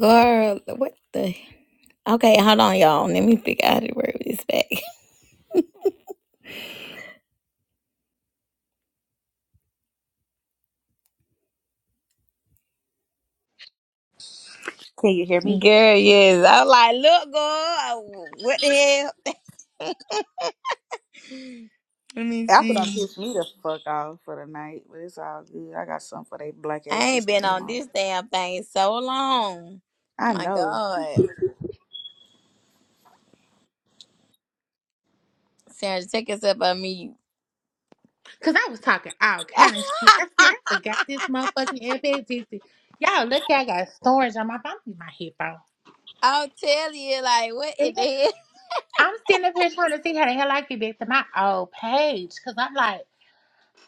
Girl, what the? Okay, hold on, y'all. Let me figure out how to work this back. Can you hear me? Girl, yes. I'm like, look, girl. What the hell? Let me Apple done see. pissed me the fuck off for the night, but it's all good. I got something for they black I asses ain't to been be on on. this damn thing so long. I My know. God. Sandra, take yourself up on mute. Cause I was talking all kind of shit. I said I forgot this motherfucking FXGC. Y'all look, I got storage on my phone. Need my headphone. I'll tell you, like, what And in the then hell? I'm sitting up here trying to see how the hell I get back to my old page. Cause I'm like,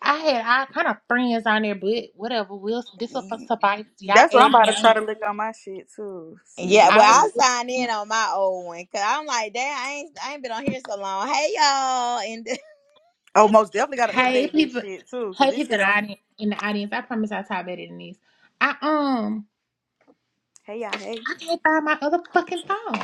I had all kind of friends on there, but whatever. Will this will suffice? Y'all That's what add I'm me about to on here. try to look on my shit too. See Yeah, well, I was I who. signed in looking- on my old one because I'm like, damn, I ain't, I ain't been on here so long. Hey, y'all. and. Oh, most definitely got to hey update this people, shit too, cause hey this people in shit the on. audience. In the audience, I promise i talk better than this. I um, Hey y'all, hey. I can't find my other fucking phone.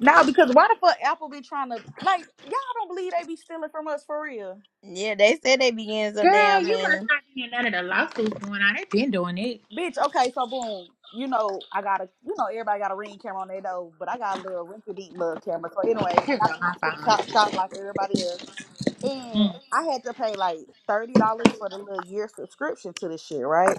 Nah, because why the fuck Apple be trying to like y'all don't believe they be stealing from us for real, Yeah, they said they be getting some Girl, damn you money. must not be in none of the lawsuits going on. They've been doing it. bitch. Okay, so boom, you know I got a you know everybody got a ring camera on their nose, but I got a little rinky dink little camera. So anyway, I Here go got it from my the phone. TikTok shop like everybody else. and Mm. I had to pay like thirty dollars for the little year subscription to this shit, right?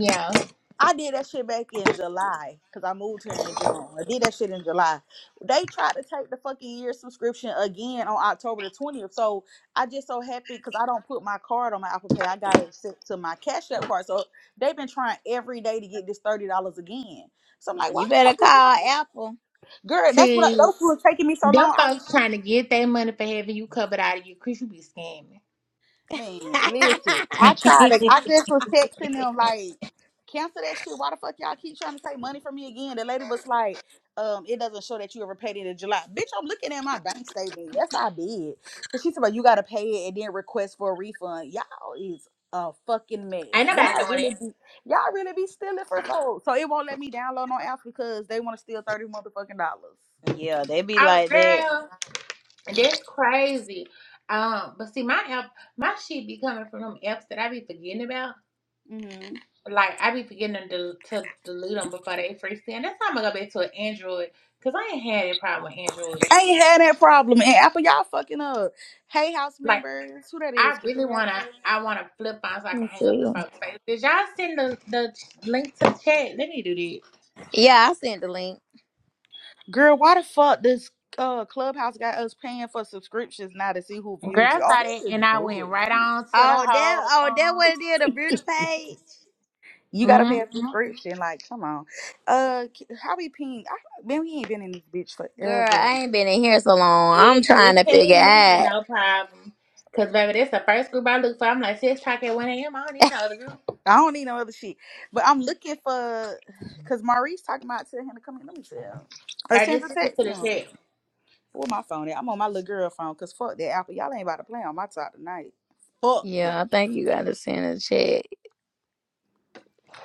Yeah. I did that shit back in July because I moved here in June. I did that shit in July. They tried to take the fucking year subscription again on October the twentieth. So I just so happy because I don't put my card on my Apple Pay. I got it sent to my Cash App card. So they've been trying every day to get this thirty dollars again. So I'm like, why You the better fuck call is that? Apple. Girl, that's what I, See, those who were taking me so them long. folks trying to get their money for having you covered out of you. Chris, you be scamming. Man, listen. I tried to. I just was texting them like, cancel that shit. Why the fuck y'all keep trying to take money from me again? The lady was like, um, it doesn't show that you ever paid it in July. Bitch, I'm looking at my bank statement. Yes, I did. Cause she said, about you gotta pay it and then request for a refund. Y'all is a fucking Ain't mess. Y'all nobody doing it. really be y'all really be stealing for folks. So it won't let me download no apps because they want to steal thirty motherfucking dollars. yeah, they be Oh, like that. girl, that's crazy. Um, but see, my app, my shit be coming from them apps that I be forgetting about. Like I be forgetting to, del- to delete them before they free stand. That's why I'm gonna go back to an Android because I ain't had a problem with Android. I ain't had that problem. And Apple, y'all fucking up. Hey, house Like, members, who that I is? really Creator. wanna I wanna flip on so I can Let's hang up in see. folks' face. Did y'all send the, the link to chat? Let me do this. Yeah, I sent the link. Girl, why the fuck this uh clubhouse got us paying for subscriptions now to see who viewed Girl you? Oh, this started is and I went bullshit. right on to the Oh, that whole oh that um what it is, the beauty page. You gotta pay a hmm subscription. Like, come on. Uh, k- how we ping? I, man, we ain't been in this bitch Girl, forever. I ain't been in here so long. I'm it trying it to figure paid me with out. no problem. Cause baby, this the first group I look for. I'm like six o'clock at one AM. I don't need no other group. I don't need no other shit. But I'm looking for, cause Maurice talking about telling him to come in. Let me tell him. Or I just Sandra sent it to text the him. chat. Where my phone at? I'm on my little girl phone because fuck that Apple. Y'all ain't about to play on my top tonight. Fuck no. Yeah, I think you gotta send a check.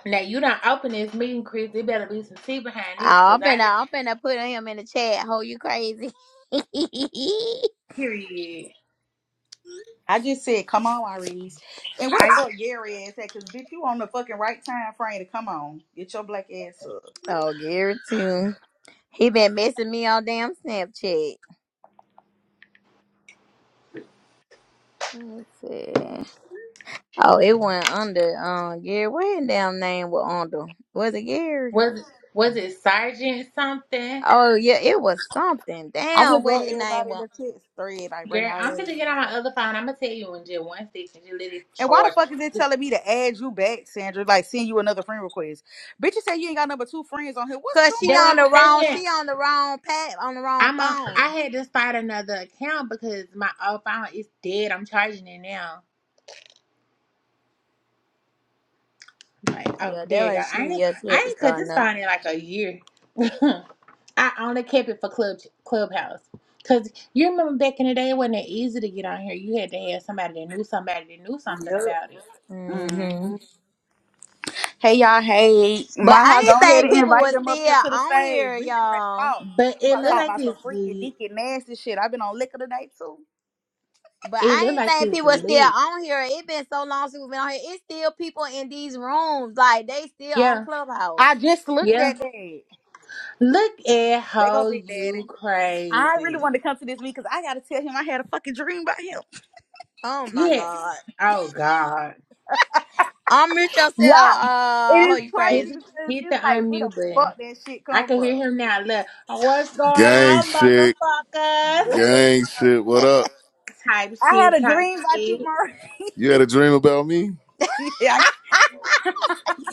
Now you don't open this meeting, Chris. There better be some tea behind Oh, this, cause I'm I just finna, I'm finna put him in the chat. Ho, you crazy? period. I just said, come on, Iris. And where the I fuck Gary ass at? Because bitch, you on the fucking right time frame to come on. Get your black ass up. oh, Gary too. He been messing me on damn Snapchat. Let's see. Oh, it went under um Gary. What his damn name was under? Was it Gary? was was it Sergeant something? Oh yeah, it was something. I Damn, just what wrote his name everybody in was? the text thread, like bring Girl, out I'm ass. gonna get on my other phone. I'm gonna tell you in just one second. Just let it And why the charge. fuck is it telling me to add you back, Sandra? Like send you another friend request. Bitch, you say you ain't got number two friends on here. What's Cause she That what on I'm the wrong, she saying. on the wrong pad, on the wrong I'm on. I phone. had to start another account because my old phone is dead. I'm charging it now. Like, oh, Yeah, there you that go. was she. I ain't. Yeah, she I had to ain't cut start this another. phone in like a year. I only kept it for club clubhouse. Cause you remember back in the day, it wasn't that easy to get on here. You had to have somebody that knew somebody that knew something going about it. on? Yep. Mhm. Hey y'all, hey. But Maha, I go ain't ahead think and people invite was them up still here to the on stage. here, We get ready to y'all. talk. But We it about to looked Cause, talk like about some it's. freaky, l- deaky, nasty shit. I've been on liquor today too. but It I looked ain't like think it's people was still lit. on here. It been so long since we been on here. It's still people in these rooms, like they still on Yeah. Clubhouse. I just looked Yeah. at that. Look at They go how Big you Daddy. I really crazy. wanted to come to this week because I gotta tell him I had a fucking dream about him. Oh You my had god. oh god. I'm Unmute yourself. Yeah. It Uh, oh, is you crazy Hit crazy. because hit the it's like where the unmute fuck button. that shit I come can from? hear him now. Look, what's going Gang on, shit. What's up? motherfuckers? Gang shit. What up? type I had shit, a type dream about you, shit. Murray. You had a dream about me? yeah, I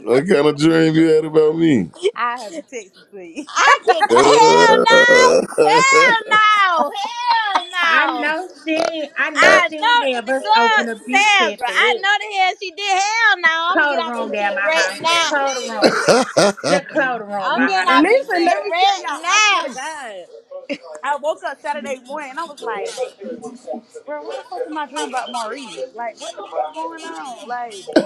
What kind of dream you had about me? I have to text it to you. I can. Uh, Hell no. Hell no. Hell I no. know she I know I she know ain't have the us open up girl this chat Sandra. for I this. know the hell she did. Hell no. I'm gonna Close the get off room this down shit my right house. now. Close the room. Just close the room, my I'm L- getting house. Don't off even this Listen, worry shit let about me it. tell right y'all, I swear to now. God. I woke up Saturday morning and I was like, bro, why the fuck am I dreaming about Maurice? Like, what the fuck going on? Like,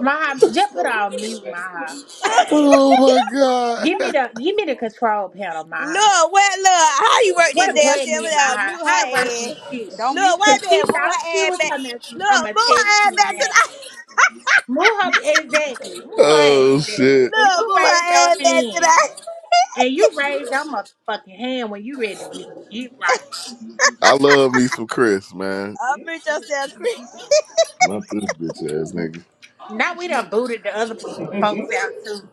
My house, just put her on mute, my house. oh my god. Give me the give me the control panel, my house. Look, what look? How you work this What a damn shit? button in my I'm gonna mute heart? her How to work this ass. shit? don't mute. Look, wait a Cause she minute. Move thought her she ass was back. talking about Look, I'ma move text her ass you back and to that. the. Move her exactly. Move her Oh exactly. shit. And you Look, move her raise your ass back to hand. the. And you raise your motherfucking hand when you ready to get get right. I love me some Chris, man. Unmute yourself, Chris. Not this bitch ass nigga. Now we done booted the other folks out too.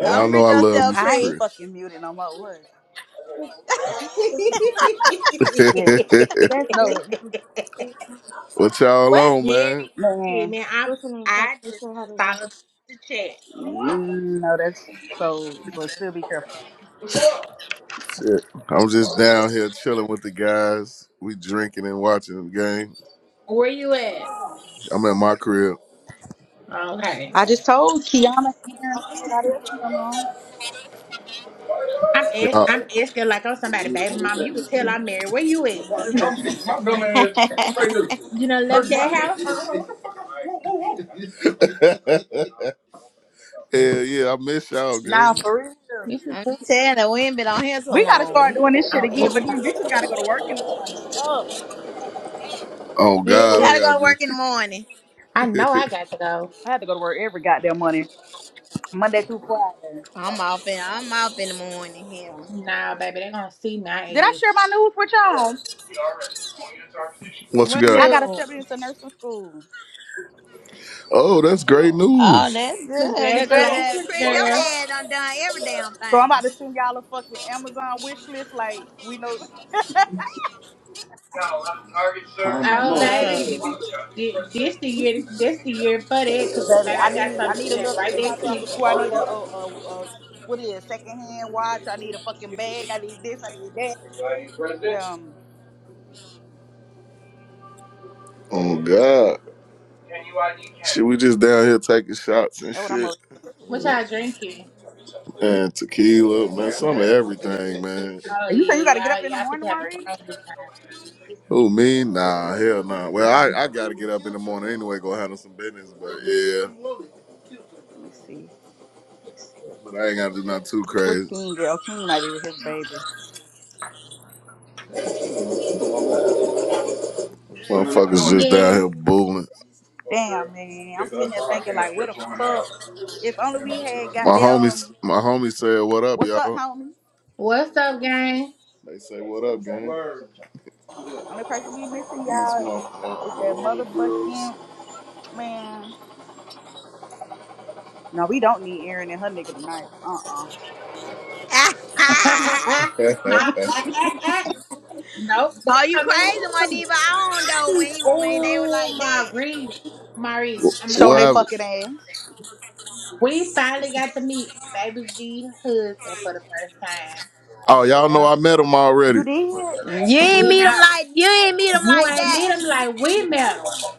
Y'all Um, know reach I love me yourself, some I ain't Cree. Chris. fucking muted no more. What? Yes. That's No, that's what y'all what on, Gary and man? shit, man. man. I what's her name? Fuck, I we just still how to work. followed the chat. Mm, No, that's so, but still be careful. Shit. I'm just down here chilling with the guys. We drinking and watching the game. Where you at? I'm at my crib. Okay. I just told Kiana, Aaron, and everybody else to come on. I'm a- I'm asking like I'm somebody, baby mama. You can tell I'm married. Where you at? I'm You done left that house? Yeah. Hell yeah, I miss y'all, Nah, gang. for real. You should put telling you, we ain't been on here so We gotta start long. doing this shit on again, but everything. then bitches gotta go to work in the morning. Oh, Oh Yeah, We God, I bitch. gotta gotta go to be. work in the morning. I know I got to go. I have to go to work every goddamn morning. Monday through Friday. I'm off in I'm off in the morning here. Nah, baby, they're gonna see my Did I share ass. my news with y'all? what you What got? I got new? accepted into nursing school. Oh, that's great Oh, news. that's good. Congrats. Congratulations, Chris, your girl. ad done done every damn So I'm about thing. to send y'all a fucking Amazon wish list. Like we know, Oh, Love. baby. Thi- This the year, this the year for that, cause baby, baby, I I got need I something to need a send little bit right of back to stuff for you. school. I need a, a, a, a what is it, second hand watch. I need a fucking bag. I need this. I need that. Yeah, um, Oh God. Shit, we just down here taking shots and that's what I'm gonna shit, What do. man. y'all drinking? and tequila, man. Some of everything, man. Oh And you say you got to get yeah, up y'all in the y'all fit morning, to have a Maurice? grand good time. Who me? Nah, hell nah. Well, I, I gotta get up in the morning anyway, go handle some business, but yeah. Let me see. But I ain't gotta do nothing too What crazy. King girl? King might be with his baby. Motherfuckers just down Yeah. here booling. Damn man, I'm sitting here thinking like, what the fuck? If only we had My homies, goddamn. my homies said, "What up, What's up, y'all?" homie? What's up, gang? They say, "What up, gang?" Only person we missing, These y'all, is that motherfuckers, homegirls. motherfucking man. No, we don't need Aaron and her nigga tonight. Uh-uh. ah, what ah, ah, ah. Nope, they Are you come in crazy? here Wasn't too. even on though when he when they were Oh, like that. Marie, Marie, I'm gonna Show tell they you fucking something. ass. We finally got to meet Baby G husband for the first time. Oh, y'all know Yeah. I met him You already. did? You ain't We meet know him like you ain't meet him you like ain't that. meet him like we met him.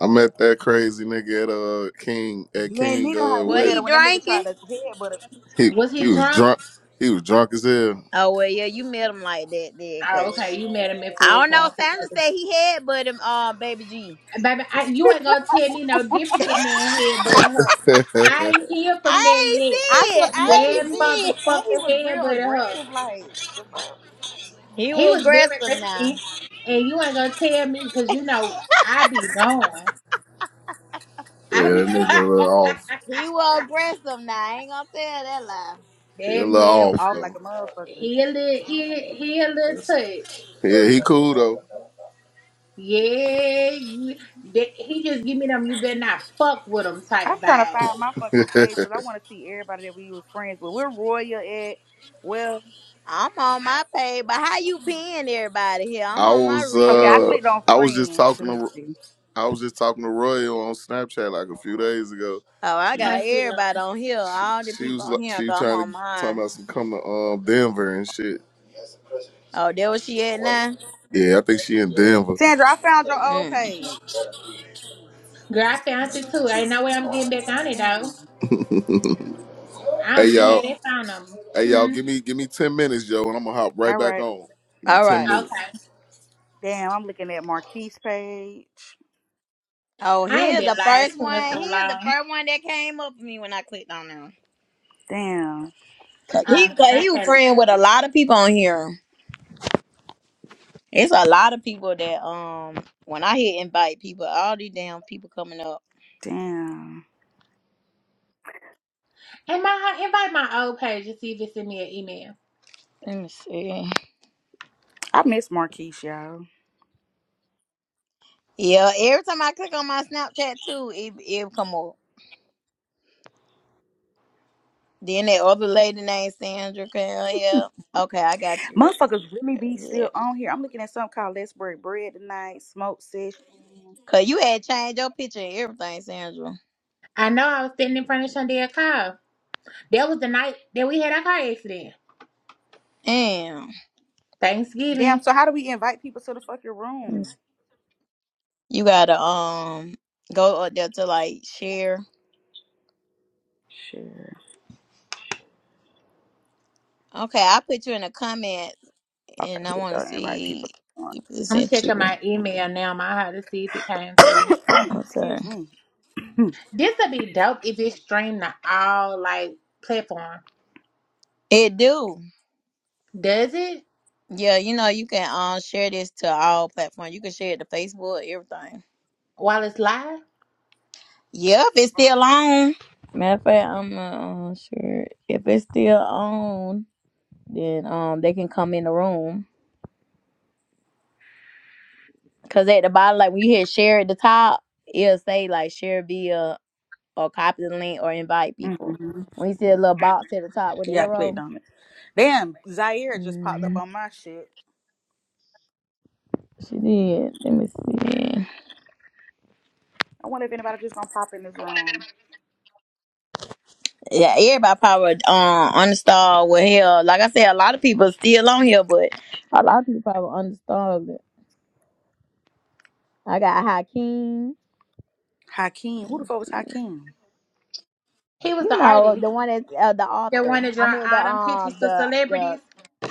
I met that crazy nigga at uh King at You ain't King meet him how uh we Was met he him wedding. when that nigga tried drinking? to headbutt her. He Was he he was drunk? drunk. He was drunk as hell. Oh well, yeah, you met him like that then, Oh, cause. okay, you met him in I full don't know. form, 'cause Sandra baby, said he had but him um baby G. baby, I, you ain't gonna tell me no different than man head but a hook. yeah, I that ain't hear from that I ain't yet. I see it. swear, yes I he ain't Damn did. see it. And he motherfucking was head real but a hook. aggressive, like, the fuck? He He was was very aggressive now. risky, and you ain't gonna tell me because you know I be knowing. I be nigga a little off. He was aggressive now. I ain't gonna tell that lie. He a that little man off Off was like though. a motherfucker. he a little he, he a little That's, touch. yeah, he cool Yeah, you. That, he just give me them. You better not fuck with them I'm type trying to find vibes. my though. fucking page because I want to see everybody that we was friends with. We're Royal at, well, I'm on my page, but how you paying everybody here? I'm I on my was okay, real I one. uh clicked on I was just friends. talking Let me to see. I was just talking to Roy on Snapchat like a few days ago. Oh, I She How got you doing? everybody on here. She, All the she people was on like, here, she was cause I'm trying on to talk mine. about some come to um Denver and shit. Oh, there was she at now? Yeah, I think she in Denver. Sandra, I found your old Mm. page. Girl, I found it too. Ain't no way I'm getting back on it though. Damn. I Hey don't even y'all, have that phone number. hey y'all, Hmm. give me give me ten minutes, yo, and I'm gonna hop right All back right. on. Give me All ten right. minutes. Okay. Damn, I'm looking at Marquise page. Oh, I ain't here's been the lied first to in so one. Here's the long. first one that came up for me when I clicked on them. Damn, Cause he, Um, and cause he I was friend can't. with a lot of people on here. It's a lot of people that um when I hit invite people, all these damn people coming up. damn. And my invite my old page to see if it sent me an email. Let me see. I miss Marquise, y'all. Yeah, every time I click on my Snapchat too, it it come up. Then that other lady named Sandra came here. Okay, I got you. Motherfuckers really be Yeah. still on here. I'm looking at something called Let's Break Bread tonight. Smoke Sesh. Cause you had changed your picture and everything, Sandra. I know I was sitting in front of Shandel's car. That was the night that we had our car accident. Damn. Damn, Thanksgiving. so how do we invite people to the fucking Let me see. room? You gotta um go up there to like share. Sure. Okay, I put you in the comment Okay, and I here we wanna go. Invite see people. if it I'm sent checking you. my email now, my heart to see if it came through. Okay. Excuse me. This would be dope if it streamed to all like platform. It do. Does it? Yeah, you know, you can um share this to all platforms. You can share it to Facebook, everything. While it's live? Yep, it's still on. Matter of fact, I'm uh, uh, sure if it's still on, then um they can come in the room. Cause at the bottom, like when you hit share at the top, it'll say like share via or copy the link or invite people. hmm When you see a little box at the top with the Yeah, I clicked arrow, on it. Damn, Zaire just popped up mm, on my shit. she Mhm. did. Let me see. I wonder if anybody just gonna pop in this room. yeah, everybody probably um uninstalled with hell. Like I said, a lot of people still on here, but a lot of people probably uninstalled it. I got Hakeem, Hakeem. Who the fuck was Hakeem? He was you the know, artist the one that's uh, the that author. wanted to I draw mean the all them pictures um for the the celebrities.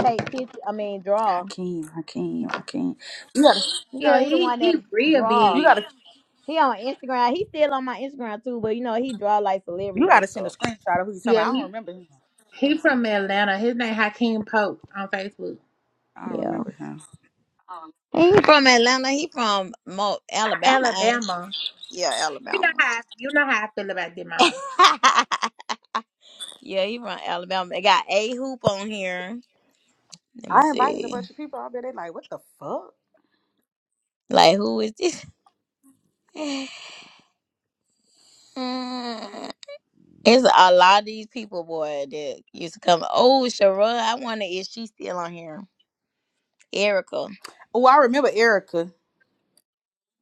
take picture. I mean draw. Hakeem, Hakeem, Hakeem. You gotta, You know, Yeah, he the he one he that real you draw. big. gotta, He on Instagram. He still on my Instagram too, but you know he draw like you celebrities and gotta send a stuff. screenshot of who you talking Yeah, about. I don't he remember him. he from Atlanta. His name Hakeem Pope on Facebook. I don't Yeah, remember him. he ain't from Atlanta. He from Mo- Alabama, ain't? Alabama. he? Yeah, You know Alabama. how you know how I feel about them, huh? Yeah, he from Alabama. They got a hoop on here. Let me I invited a see. bunch of people. I bet they like, what the fuck? Like who is this? Mm, it's a lot of these people, boy, that used to come. Oh, Sherrod, I wonder if she's still on here. Erica. Oh, I remember Erica.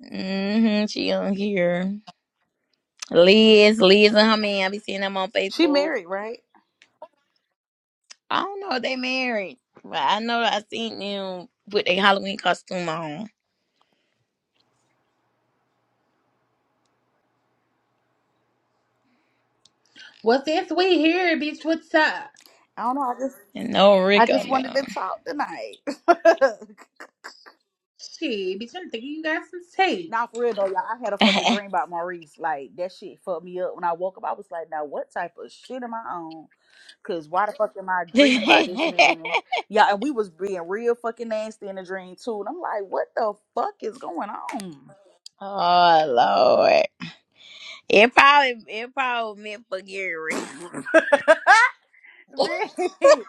Mm-hmm. She on here. Liz, Liz and her man. I be seeing them on She Facebook. married, right? I don't know if they married. But I know I seen them put their Halloween costume on. Well, since we here, bitch, what's up? I don't know. I just, And no I Rick just on wanted to talk tonight. Shit, bitch, I'm thinking you got some tape. Not for real though, y'all. I had a fucking them. dream about Maurice. Like that shit fucked me up when I woke up. I was like, now what type of shit am I on? Cause why the fuck am I dreaming about this man? Yeah, and we was being real fucking nasty in the dream too. And I'm like, what the fuck is going on? oh Lord. It probably it probably meant for Gary. mm-hmm.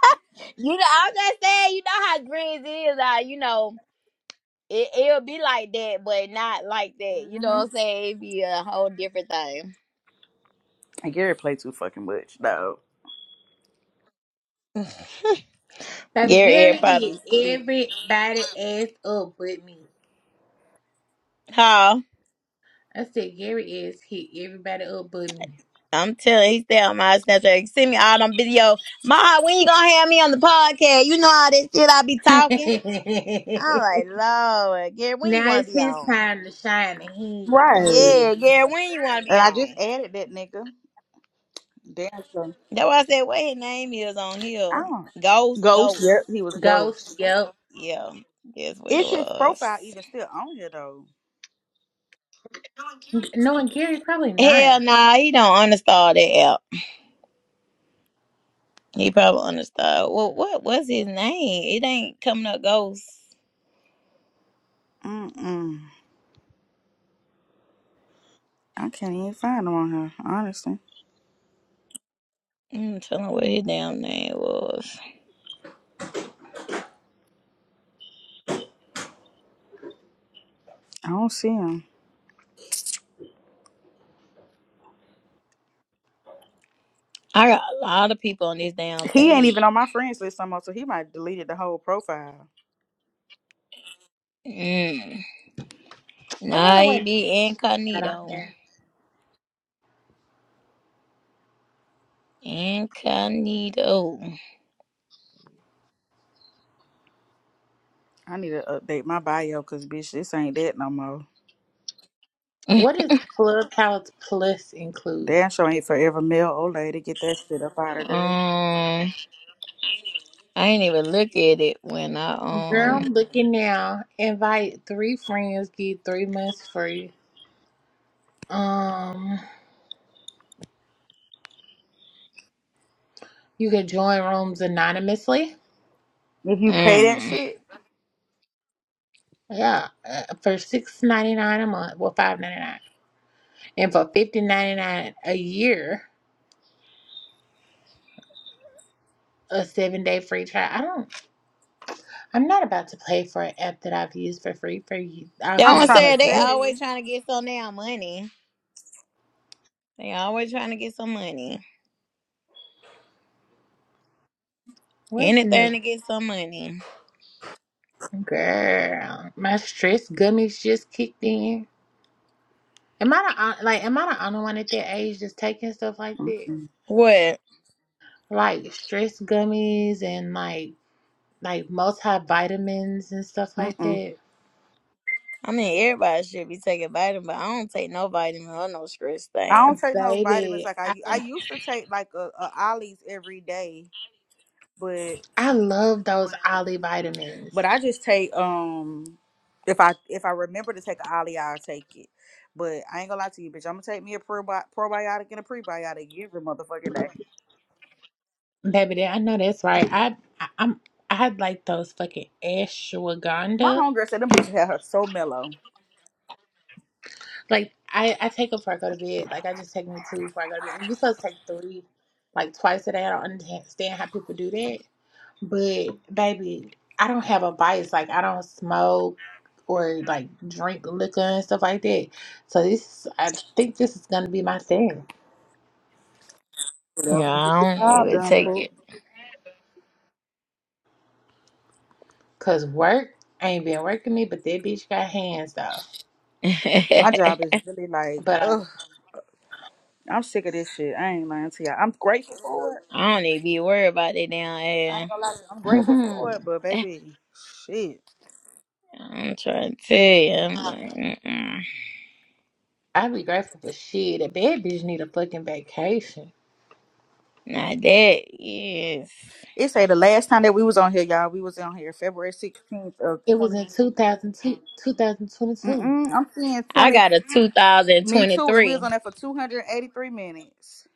You know, I'm just saying, you know how dreams is. Like, you know, it it'll be like that, but not like that. You know what I'm saying? It'd be a whole different thing. And Gary played too fucking much, though. Baby Gary Gary it hit probably sleep. everybody ass up but me. Huh? I said Gary ass hit everybody up but me. I'm telling you, he stay on my Snapchat. He Send me all them video. Ma, when you gonna have me on the podcast? You know how that shit I be talking. I'm like, Lord, Gary, when you now wanna it's be his on? time to shine, and he ain't Right. Yeah, said Gary, nothing. when you wanna be And I just on? added that nigga. Damn son. That's why I said what his name is on I here. don't. Ghost, Ghost. ghost. Yep, he was Ghost, ghost. yep. Yeah, that's what it Is his was. profile even still on here though? No, and Gary probably not. Hell nah, he don't understand that app. He probably understand. Well, what was his name? It ain't coming up ghost. Mm mm. I can't even find him on here. Honestly, I'm telling what his damn name was. I don't see him. I got a lot of people on this damn He ain't page. even on my friends list no more, so he might deleted the whole profile. Mm. I Nah, wonder what he he be got on incognito. there. Incognito. I need to update my bio because bitch, this ain't that no more. um, What does Clubhouse Plus include? Damn sure ain't forever male old lady. Get that shit up out of there. I ain't even look at it when I Girl, um. I'm looking now. Invite three friends, get three months free. Um, you can join rooms anonymously. If you pay mm. that shit, Yeah, uh, for six ninety nine a month, well five ninety nine, and for fifty ninety nine a year, a seven day free trial. I don't. I'm not about to pay for an app that I've used for free for you all That's what through I'm I'm the trying to saying. They pandemic. tell always you. trying to get some damn money. They always trying to get some money. What's new, Anything to get some money. girl? My stress gummies just kicked in. Am I the on- like? Am I the only one at that age just taking stuff like that? Mm-mm. What? like stress gummies and like like multivitamins and stuff like Mm-mm. that. I mean, everybody should be taking vitamin, but I don't take no vitamin or no stress I don't thing. take no vitamins Baby, like I u- I I used to take like a, a Ollie's every day, but I love those Ollie vitamins. but I just take um if I if I remember to take an Ollie, I'll take it. But I ain't gonna lie to you, bitch. I'm gonna take me a probi- probiotic and a prebiotic every motherfucking day. Baby, that- I know that's right. I, I I'm I had like those fucking My ashwagandha. homegirl said them bitches had her so mellow. Like I I take them before I go to bed. Like I just take me two before I go to bed. You're supposed to take three, like twice a day. I don't understand how people do that. But baby, I don't have a vice Like I don't smoke or like drink liquor and stuff like that. So this, I think this is gonna be my thing. Yeah, Whatever. Get the I don't job even done, take poop. it. Cause work ain't been working me, but that bitch got hands though. My job is really like, But ugh, I'm sick of this shit. I ain't lying to y'all. I'm grateful for it. I don't need to be worried about that I ain't damn gonna lie to you. I'm grateful um, for it, but ass. baby, shit. I'm trying to tell you, I'm like, mm-mm. I'd be grateful for shit. That bad bitch need a fucking vacation. not that. Yes, It say the last time that we was on here, y'all, we was on here February 16th of It was 20. in 2002, 2022. Mm-mm, I'm seeing I 20, got a me too, and we was 2023. on there for 283 minutes.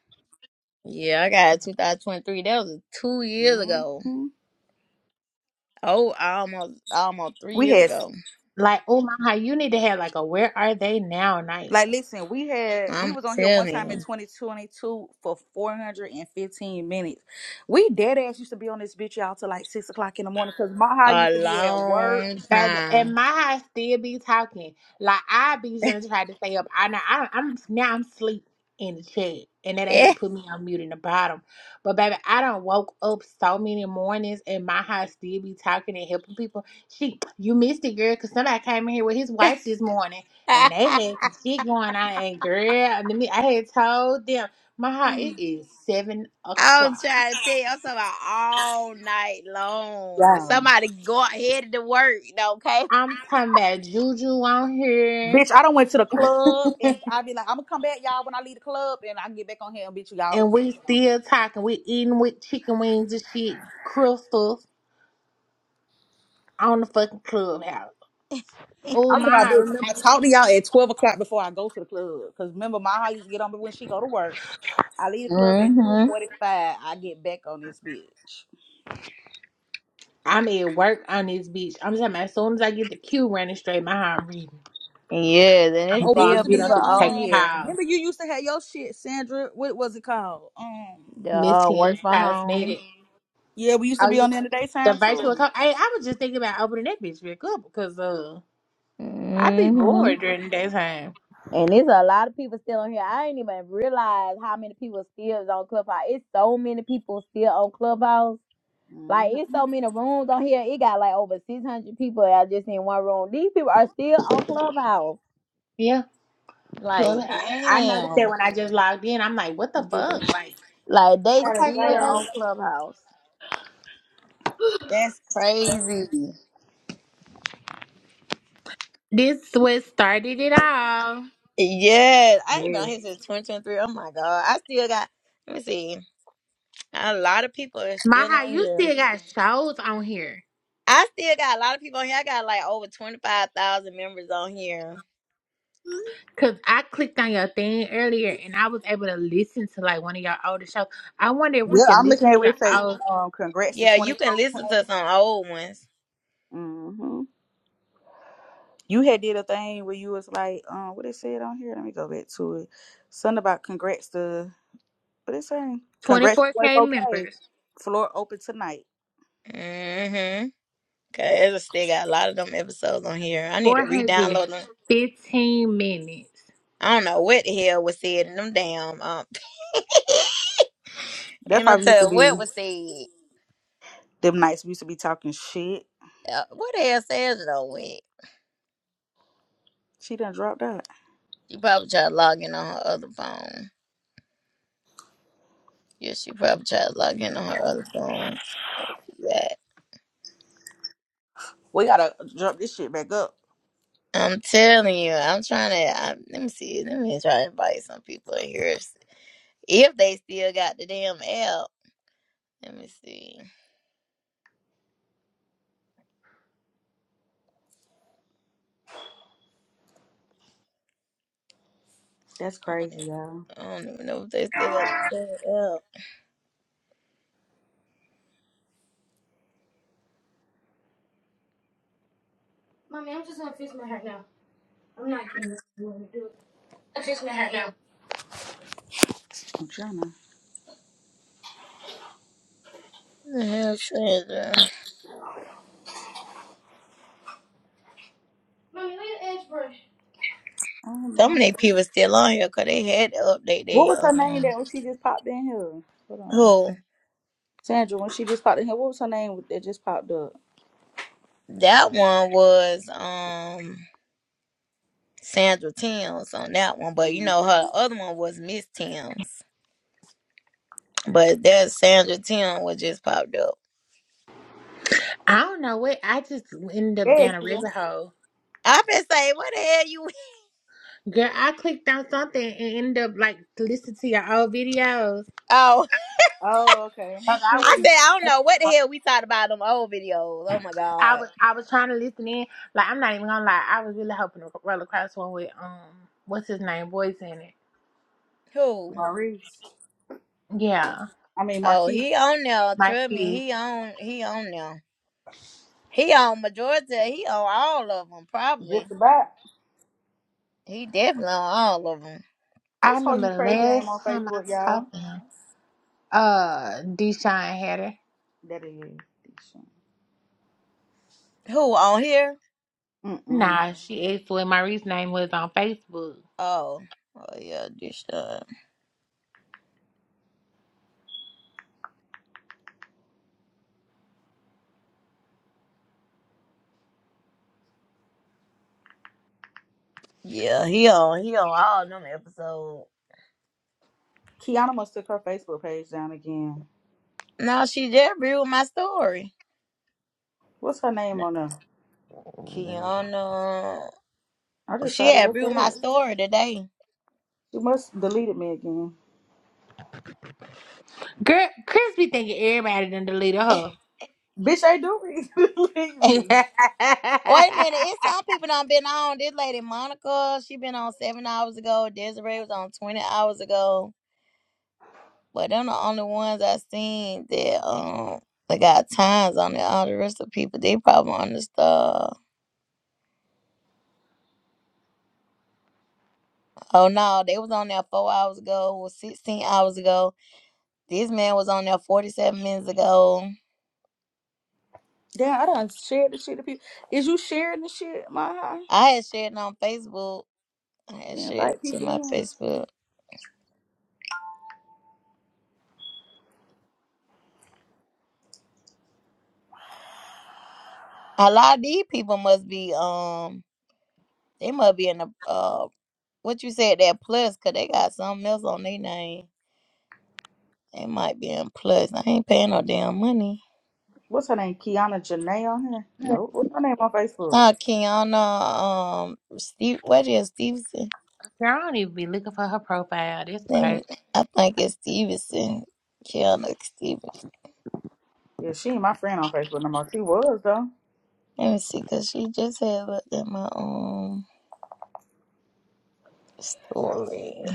Yeah, I got a 2023. That was two years hmm ago. Oh, almost almost three We years had ago. Like, oh my, God, you need to have like a where are they now night. Like, listen, we had we I'm was on here one time telling in you, 2022 for 415 minutes. We dead ass used to be on this bitch y'all till like six o'clock in the morning because my high a used to be at work. long And, and time. my house still be talking. Like I be just trying to stay up. I now I, I'm now I'm sleep in the chat, and then they had Yeah. to put me on mute in the bottom. But baby, I don't woke up so many mornings, and my house still be talking and helping people. She, you missed it, girl, because somebody came in here with his wife this morning, and they had some shit going on. And girl, and me, I had told them my heart. It is seven I'm o'clock. trying to tell you, I'm talking about all night long. Yeah. Somebody go out headed to work, okay? I'm talking about Juju on here. Bitch, I don't went to the club and i be like, I'm gonna come back y'all when I leave the club and I can get back on here and bitch y'all. and we still talking. We eating with chicken wings and shit, crystals on the fucking clubhouse. Oh I'm talking my about heart, remember bitch. I talk to y'all at 12 o'clock before I go to the club. Cause remember my high used to get on me when she go to work. I leave the club at Mm-hmm. 2:45. I get back on this bitch. I'm at work on this bitch. I'm talking about as soon as I get the queue running straight, my heart reading. Yeah, and I'm it's gonna Oh, go we still on used to mute. be I'm in people gonna on take a um. here call. Remember, you used to have your shit, Sandra. What was it called? Um. that Miss uh, work Tim's from home. cosmetic. Yeah, we used to I be was on there in the the daytime too. virtual call. Hey, I was just thinking about opening that bitch back up because uh I be Mm-hmm. bored during that time. And there's a lot of people still on here. I didn't even realize how many people still is on Clubhouse. It's so many people still on Clubhouse. Like hmm it's so many rooms on here. It got like over six hundred people out just in one room. These people are still on Clubhouse. Yeah, Like club. I I noticed damn, that when I just logged in, I'm like, what the We did that. fuck? Like, like they Yeah, okay, still clubhouse. on Clubhouse. That's crazy. This what started it all. Yeah, I ain't been on here since twenty twenty three. Oh my god, I still got. Let me see. A lot of people are still Maha, on you here. still got shows on here. I still got a lot of people on here. I got like over twenty five thousand members on here. Cause I clicked on your thing earlier and I was able to listen to like one of your older shows. I wonder if we can I'm listen looking at where to it say, all um, congrats to Yeah, you 24K. can listen to some old ones. mm hmm You had did a thing where you was like, um, what it said on here? Let me go back to it. Something about congrats to, what it saying? Congrats to 24K 24K. members, Floor open tonight. hmm Cause I still got a lot of them episodes on here. I need to re-download them. 415 minutes. I don't know what the hell was said in them damn um. That and I'll probably used to tell you be what was said. them nights we used to be talking shit. Uh, what the hell says it though? Went. She done dropped out. She probably tried to log in on her other phone. Yeah, she probably tried to log in on her other phone. Yeah. We gotta jump this shit back up. I'm telling you, I'm trying to. I, let me see. Let me try to invite some people in here if if they still got the damn app. Let me see. That's I don't, crazy, even- y'all. I don't even know if they still got the damn app. Mommy, I'm just gonna fix my hair now. I'm not getting this. i fix my hair now. I'm trying to. Yeah, shit, uh, Mommy, where your edge brush? I don't So know. many people still on here because they had to update What was their her name um that when she just popped in here? Hold on. who Sandra, when she just popped in here, what was her name that just popped up? that one was um Sandra Timms on that one, but you Mm. know her other one was Miss Timms, but that Sandra Tim was just popped up. I don't know what I just ended up There down a she go. rabbit hole. I been saying, what the hell you? Girl, I clicked on something and ended up like listening to your old videos. Oh, Oh, okay. Like I I went said I down. don't know what the hell we talked about them old videos. Oh my I god, was I was trying to listen in. Like I'm not even gonna lie, I was really hoping to roll across one with um what's his name, voice in it. who? Maurice. Yeah. I mean, Oh, Marquise. he on there. Like Trust me, his he on he on there. He on majority. He on all of them probably. Just about. He definitely on all of them. I What's her you remember the crazy name on last time I Facebook, y'all? talked to him, uh Deshaun had her. That is. Who on here? Mm-mm. Nah, she asked what Marie's name was on Facebook. Oh, oh yeah, this uh, yeah, he on he on all them episodes. Kiana must took her Facebook page down again. No, she just agree with my story. What's her name No, on there? Kiana, I oh, just she tried to had look agree with her my up. story today. She must deleted me again. Girl Chris be thinking everybody done deleted her. Bitch, I do re- delete me. Wait a minute, it's some people done been on. This lady Monica, she been on seven hours ago. Desiree was on twenty hours ago. But them the only ones I seen that um they got times on it. All the rest of the people they probably on the stuff. Oh no, they was on there four hours ago, was sixteen hours ago. This man was on there forty seven minutes ago. Damn, I done shared the shit to people. Is you sharing the shit, my high? I had shared it on Facebook. I had Yeah, shared invite it to people my in. Facebook. A lot of these people must be um they must be in the uh what you said that plus cause they got something else on their name. They might be in plus. I ain't paying no damn money. What's her name? Kiana Janae on here? No. What's her name on Facebook? Uh Kiana um Steve what is Stevenson? Girl, I don't even be looking for her profile. That's Let me- crazy. I think it's Stevenson. Kiana Stevenson. Yeah, she ain't my friend on Facebook no more. She was though. Let me see, cause she just had looked at my own story.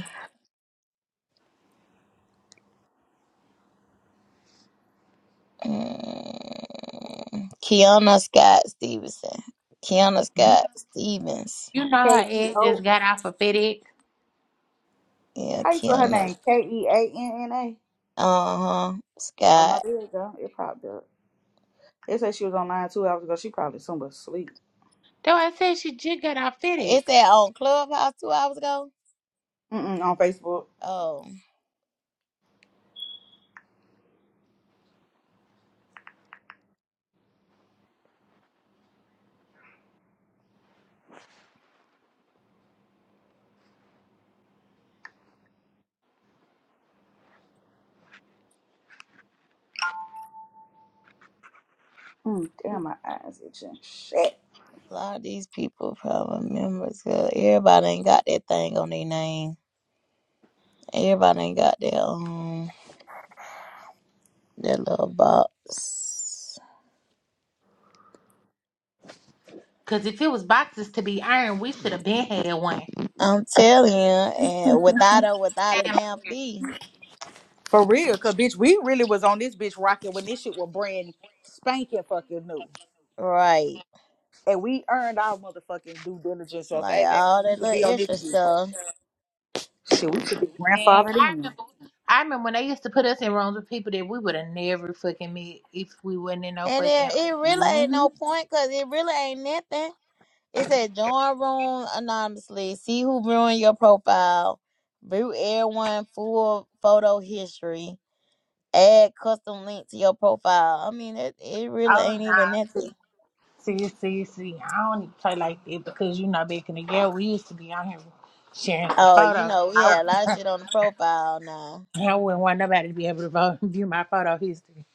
Mm, Kiana Scott Stevenson. Kiana You Scott Stevens. know K her E ex just O. got off of FedEx. Yeah, How you spell her Kiana. name? K E A N N A. Uh huh. Oh no, Scott. there you go. It popped up. They said she was online two hours ago. She probably somewhere asleep. Though I said she just got off Is FedEx. that on Clubhouse two hours ago? Mm-mm, on Facebook. Oh, Mm, damn, my eyes itching. Shit. a lot of these people probably members. Cause everybody ain't got that thing on their name. Everybody ain't got their um their little box. Cause if it was boxes to be ironed, we should have been had one. I'm telling you, and without a without a And damn fee, For real, cause bitch, we really was on this bitch rocking when this shit was brand spanking fucking new, right? and we earned our motherfucking due diligence. Like Okay, baby, all we used that to be little on this extra shit. stuff, Shit, we should be grandfathered I in. remember, I remember when they used to put us in rooms with people that we would have never fucking met if we wasn't in no and fucking. it it really ain't hmm no point because it really ain't nothing. It said join room anonymously, see who ruined your profile, view everyone full photo history, add custom link to your profile. I mean, it it really Oh ain't even nah, nothing. see, see, see, see. I don't even play like that because you know back in the day we used to be on here sharing some Oh, you photos. know, I, yeah, a lot of wouldn't- shit on the profile now. I wouldn't want nobody to be able to vote, view my photo history.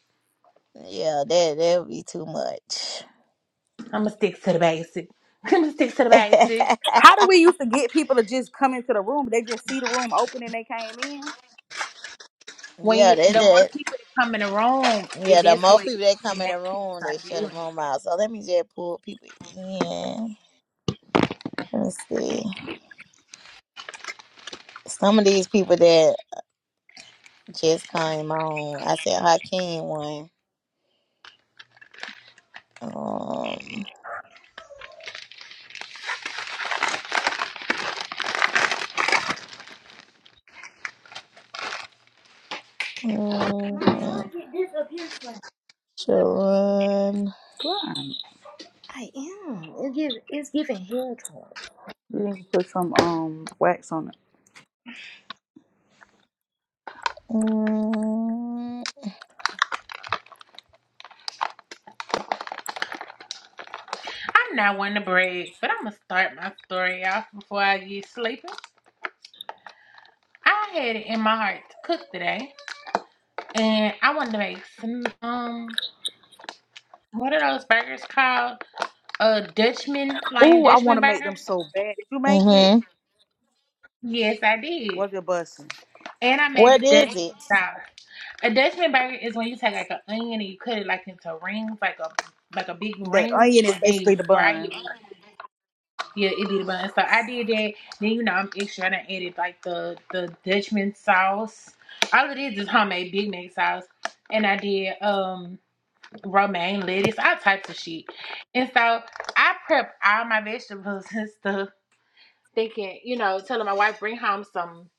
Yeah, that that would be too much. I'ma stick to the basic. I'ma stick to the basic. How do we used to get people to just come into the room? They just see the room open and they came in. When Yeah, you they the more did. people that come in the room, Yeah, it the that's more what people that come in the makes people room, they start shut viewing the room it. out. So let me just pull people in. Let me see. Some of these people that just came on. I said Hakeem one. Um, Mommy, how mm, I get this up here flat? Sharon. Good. I am. It gives, it's giving hair talk. You need to put some um wax on it. Mm, I'm not one to brag, but I'm gonna start my story off before I get sleepy. I had it in my heart to cook today, and I wanted to make some um what are those burgers called? Uh, Dutchman Lion Ooh, I want Dutchman to make them burgers. so bad. Did you make it? mhm. Yes, I did, Was it busting? and I made the What is Dutchman it? style. A Dutchman burger is when you take like an onion and you cut it like into rings, like a like a big The ring, onion is and basically you the fry bun. it. Yeah, it did a bun. So I did that. Then you know I'm extra. and I done added like the the Dutchman sauce. All it is is homemade Big Mac sauce. And I did um romaine lettuce, all types of shit. And so I prep all my vegetables and stuff, thinking, you know, telling my wife bring home some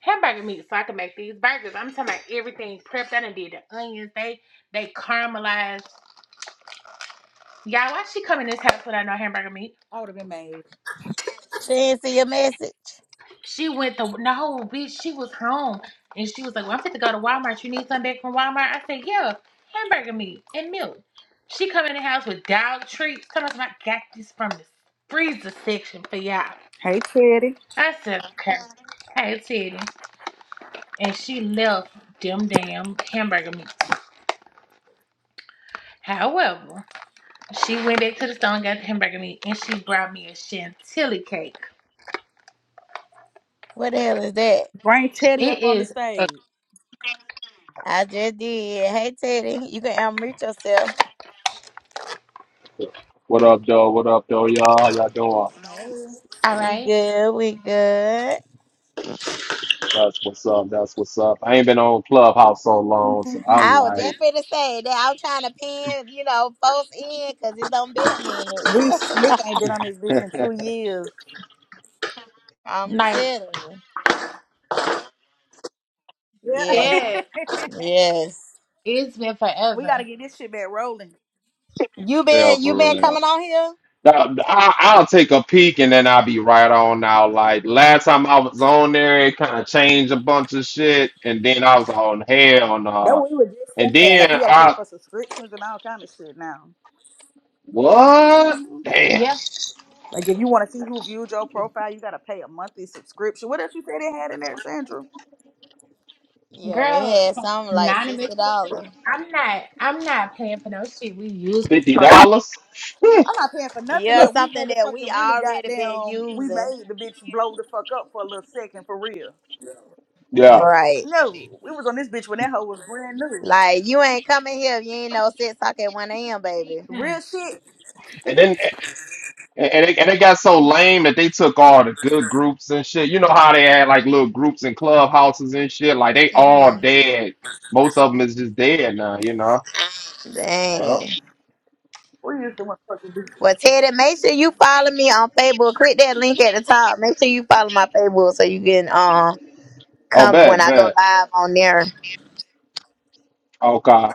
hamburger meat so I can make these burgers. I'm talking about everything prepped. I done did the onions. They they caramelized. Y'all, why she come in this house without no hamburger meat? I would have been made. She didn't see your message. She went to no bitch. She was home and she was like, "Well, I'm fit to go to Walmart. You need something back from Walmart?" I said, "Yeah, hamburger meat and milk." She come in the house with dog treats. Come on, I got this from the freezer section for y'all. Hey Teddy. I said, "Okay, hey Teddy," and she left them damn hamburger meat. However, she went back to the store and got the hamburger meat, and she brought me a chantilly cake. What the hell is that? Bring Teddy It up on the is a- stage. I just did. Hey Teddy, you can unmute yourself. What up, though? What up, though, y'all? How y'all doing? all We right. good. We good. That's what's up. That's what's up. I ain't been on Clubhouse so long, so I'm I was like, just going to say that I'm trying to pin, you know, folks in because it's done been a minute. We slick ain't been on this bitch in two years. I'm Like, telling you. Yeah. Yes, yeah, yes. it's been we gotta forever. get this shit back rolling. You real been you for been real. coming on here? Now, I, I'll take a peek and then I'll be right on now. Like last time I was on there, it kind of changed a bunch of shit, and then I was on hell That nah. what we were And just saying. then Like you gotta pay I for subscriptions and all kind of shit now. what? Mhm. Damn, Yeah. Like if you wanna see who viewed your profile, you gotta pay a monthly subscription. What else you said they had in there, Sandra? Yeah, they Girl, had some something like anonymous. sixty dollars. I'm not. I'm not paying for no shit. We use. fifty for dollars. I'm not paying for nothing Yeah, that we something that we motherfucking really already been goddamn we using. made the bitch blow the fuck up for a little second for real. yeah. Right. No, we was on this bitch when that hoe was brand new. Like you ain't coming here if you ain't no six o'clock at one AM, baby. time. Real shit. and then. And, and, it, and it got so lame that they took all the good groups and shit. You know how they had like little groups and clubhouses and shit. Like they all Mm-hmm. dead. Most of them is just dead now. You know. Oh, Dang. We used to want fucking do. Well, Teddy, make sure you follow me on Facebook. Click that link at the top. Make sure you follow my Facebook so you can um oh come when bet, I go bet. live on there. Okay.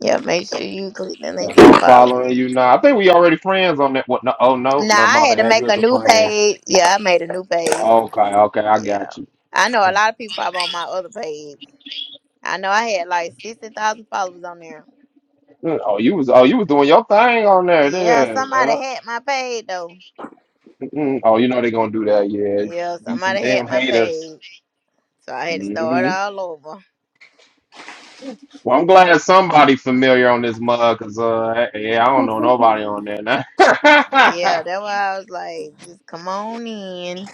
Yeah, make sure you click the link If I'm and follow following me. you now, I think we already friends on that. What? No, oh no, Now no. I'm I going had to to add make you a as a new friend. page. Yeah, I made a new page. Okay, okay, I Yeah, got you. I know a lot of people probably on my other page. I know I had like sixty thousand followers on there. Mm, Oh, you was oh you was doing your thing on there. Yeah, There. somebody yeah. had my page though. Mm-mm. Oh, you know they gonna do that. Yeah. Yeah, Be some somebody had damn my haters. page, so I had to start Mm-hmm. all over. Well, I'm glad somebody familiar on this mug, cause uh, yeah, I don't know nobody on there. Yeah, Now. that's why I was like, just come on in,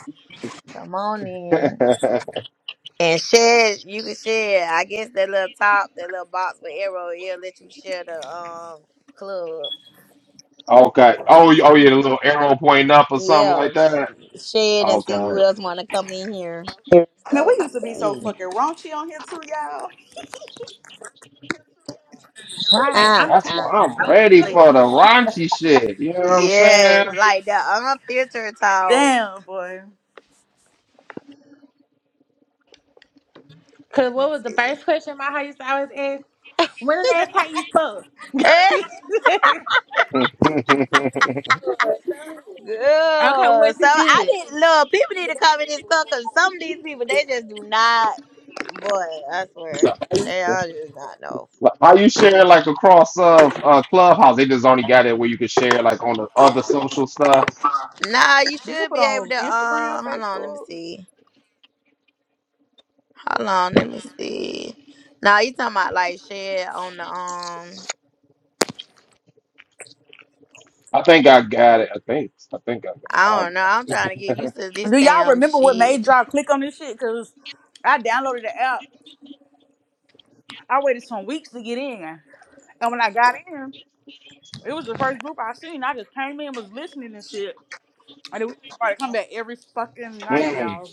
come on in. And share, you can share. I guess that little top, that little box with arrow, it'll let you share the um club. okay. Oh, you- oh, yeah, the little arrow pointing up or something Yeah, like that. share it and see who Okay, else want to come in here. Man, we So used to let's be so see. fucking raunchy on here too, y'all. Right. Uh, I'm that's tired. uh, why uh. I'm I'm ready silly. for the raunchy shit. You know what I'm saying? Yes, like the unfiltered talk. Damn, boy. Cause Let me what was the see. first question my heart used to always ask? When the last time you fucked? Eh, okay, Girl, was so it I good? didn't love people need to come in this club because some of these people they just do not. Boy, I swear they all just not know. Like, How you share like across uh, uh Clubhouse? They just only got it where you can share like on the other social stuff. Nah, you You can should put be able on to. Uh, Instagram, hold on, let me Facebook. see. Hold on, let me see. Nah, you talking about like shit on the um? I think I got it. I think. I think I got I don't it. know. I'm trying to get used to this Do y'all damn remember what shit. made y'all click on this shit? Cause I downloaded the app. I waited some weeks to get in, and when I got in, it was the first group I seen. I just came in, was listening and shit, and then we just started coming back every fucking I don't night, know. y'all.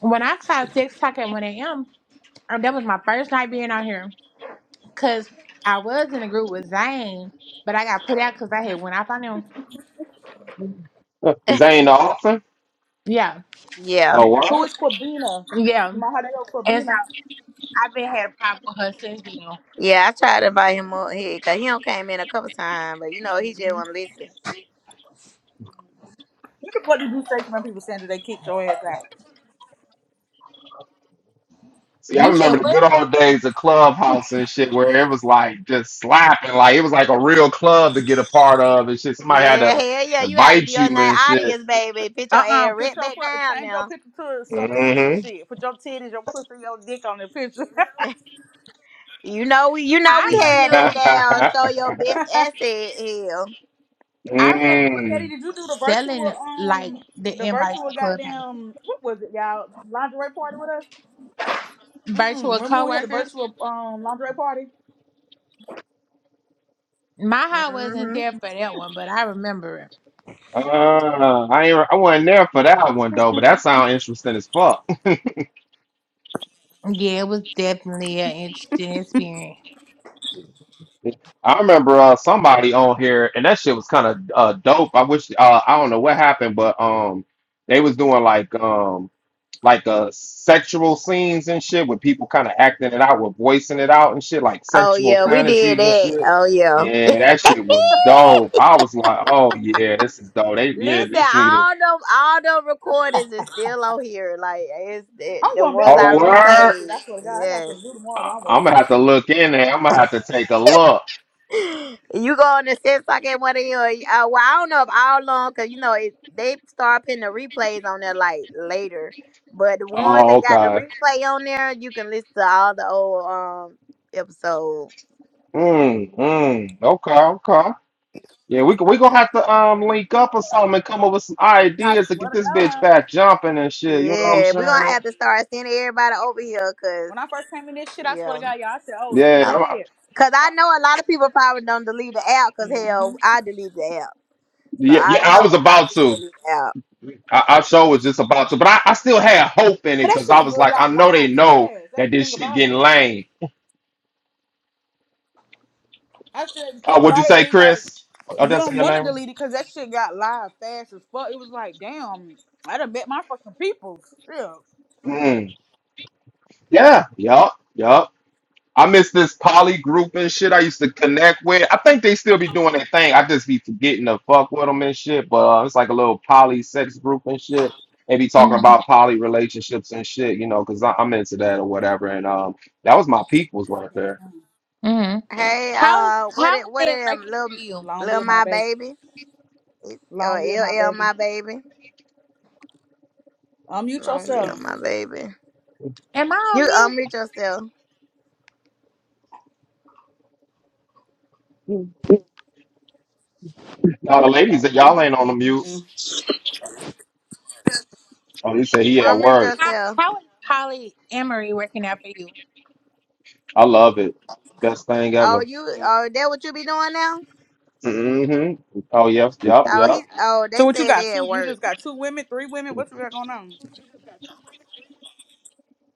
When I saw six o'clock at one a.m., um, that was my first night being out here. Cause I was in a group with Zane, but I got put out cause I had went off on him. Mm. Zane the author? Yeah, Yeah, Oh, word? Who is Corbina? yeah. Mahadeo And so Corbina. I've been had a problem with her since then. yeah. I tried to invite him up here because he don't came in a couple times, but you know he just want to listen. You can put the do say to when people saying that they kicked your ass out. See, I You said remember the what? good old days of Clubhouse and shit where it was like just slapping. Like it was like a real club to get a part of and shit. Somebody had Yeah, to hell yeah. You got to invite be on you and that shit. audience, baby. Put your Uh-uh. ass Put right your back fu- down change your now. picture to some nasty Mm-hmm. shit. Put your titties, your pussy, your dick on the picture. You know we, you know we I had that remember down. Show your best asset here. I remember when we Teddy, mm. did you do the was virtual selling like um the the invites virtual to Clubhouse. goddamn what was it, y'all? Lingerie party with us? Mm-mm. Virtual Remember when we had the coworkers. virtual um lingerie party? My heart wasn't there for that one, but I remember it. Uh, I ain't, I wasn't there for that one though, but that sound interesting as fuck. Yeah, it was definitely an interesting experience. I remember uh, somebody on here, and that shit was kind of uh, dope. I wish uh, I don't know what happened, but um, they was doing like um, like uh sexual scenes and shit with people kind of acting it out with voicing it out and shit like Oh sexual yeah, we did fantasies and that. shit Oh yeah. yeah that shit was dope i was like oh yeah this is dope they yeah Listen, this need a all them all them recordings is still on here. Like it's it, I'm the going back ones and I oh listen to all that word shit. replayed. I swear to God, I got Yes. something to do tomorrow while I'm i'm gonna working. have to look in there i'm gonna have to take a look You go on the set like at one of your uh, well, I don't know if all long because you know it, they start putting the replays on there like later. But the ones oh that got the okay replay on there, you can listen to all the old um episode. mm, mm, okay okay yeah, we we gonna have to um link up or something and come up with some I ideas to swear get to this bitch God. back jumping and shit. You know what I'm Yeah, we're gonna saying? have to start sending everybody over here because When I first came in this shit, I swear to yeah. God, y'all, I said, oh Yeah, I'm, shit. Cause I know a lot of people probably don't delete the app. Cause Mm-hmm. hell, I delete the app, so yeah, yeah. I know I was a lot of about people to. delete the app. I, I sure was just about to, but I, I still had hope in it Cause that because I shit was like, I got know they live know fast. That's that the this thing shit about getting it. lame. I said the thing Uh, what'd you about it say, is like Chris? Oh, you that's don't your name. want to right? delete it because that shit got live fast as fuck. It was like, damn, I would have bet my fucking people. Shit. Mm. Yeah, yup, yup. I miss this poly group and shit I used to connect with. I think they still be doing their thing. I just be forgetting to fuck with them and shit. But uh, it's like a little poly sex group and shit. They be talking hmm about poly relationships and shit, you know, because I'm into that or whatever. And um, that was my peoples right there. hmm Hey, How is uh, what how is it, what that it, um, working little, for you? Long little live my my baby. baby, It- or Long live my LL baby. my baby, Unmute long live yourself. my baby. Am I on You mute? unmute yourself, Now the ladies that y'all ain't on the mute. Mm-mm. Oh, he said he at unmute work. How, yourself. how is Polly Emery working out for you? I love it. Best thing Oh, ever. you, oh, that what you be doing now? hmm Oh yes, yep, Oh, yep. he, oh, they So what you said got? they at Two? You work. just got two women, three women? What you got going on?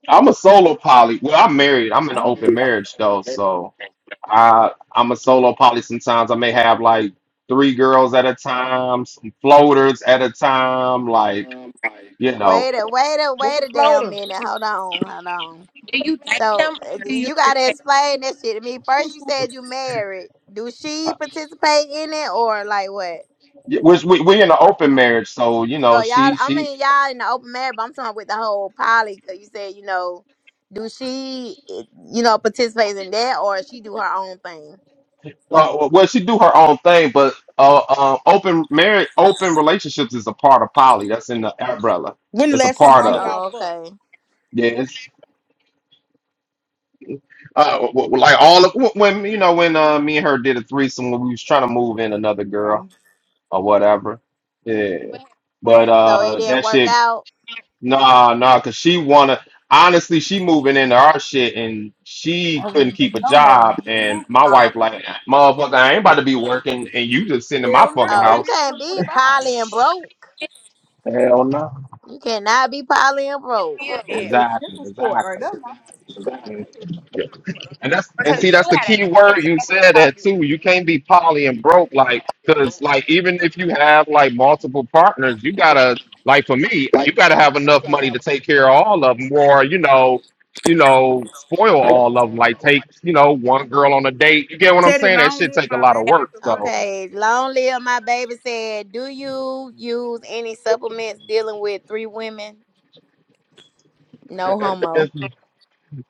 I'm a solo poly. Well, I'm married. I'm in an open Mm. marriage though, so I I'm a solo poly. Sometimes I may have like three girls at a time, some floaters at a time, like you know. Wait a, wait a, What's a wait a damn floater? minute. Hold on, hold on. Do you date So them uh, or do you you just gotta date explain that shit to me. First, you said you married. Do she Uh, participate in it or like what? yeah, Which we we in an open marriage, so you So know y'all, she I she mean y'all in the open marriage, but I'm talking with the whole poly. Cause you said you know, do she eh, you know participate in that or she do her own thing? uh, well she do her own thing, but uh, uh open marriage open relationships is a part of poly. That's in the umbrella. When the It's a last time part all them? of of it. y'all Oh, fucked? okay. Yeah, Uh, w- w- like all of w- when you know when uh, me and her did a threesome when we was trying to move in another girl Okay. or whatever. Yeah, What happened? but So it uh, didn't that work shit, out. nah, nah, cause she wanna. Honestly, she moving into our shit and I she don't couldn't remember. keep a No, no. job. And my Oh, wife like, motherfucker, I ain't about to be working and you just sitting in my Hell fucking no, Oh, you baby. It's house. can't be 2025. poly and broke. Hell no. You cannot be poly and broke. you That's did an Exactly, essential sport right exactly. there, man. And that's and because see that's you the had key an word you said that too. answer. You can't be poly and broke like because like even if you have like multiple partners, you gotta like for me, you gotta have enough money to take care of all of them, or you know, you know, spoil all of them. Like take you know one girl on a date. You get what I'm Teddy, saying? That long shit live take a my lot of baby. work. That's a So question. Okay, long live my baby said, do you use any supplements dealing with three women? No homo. it's,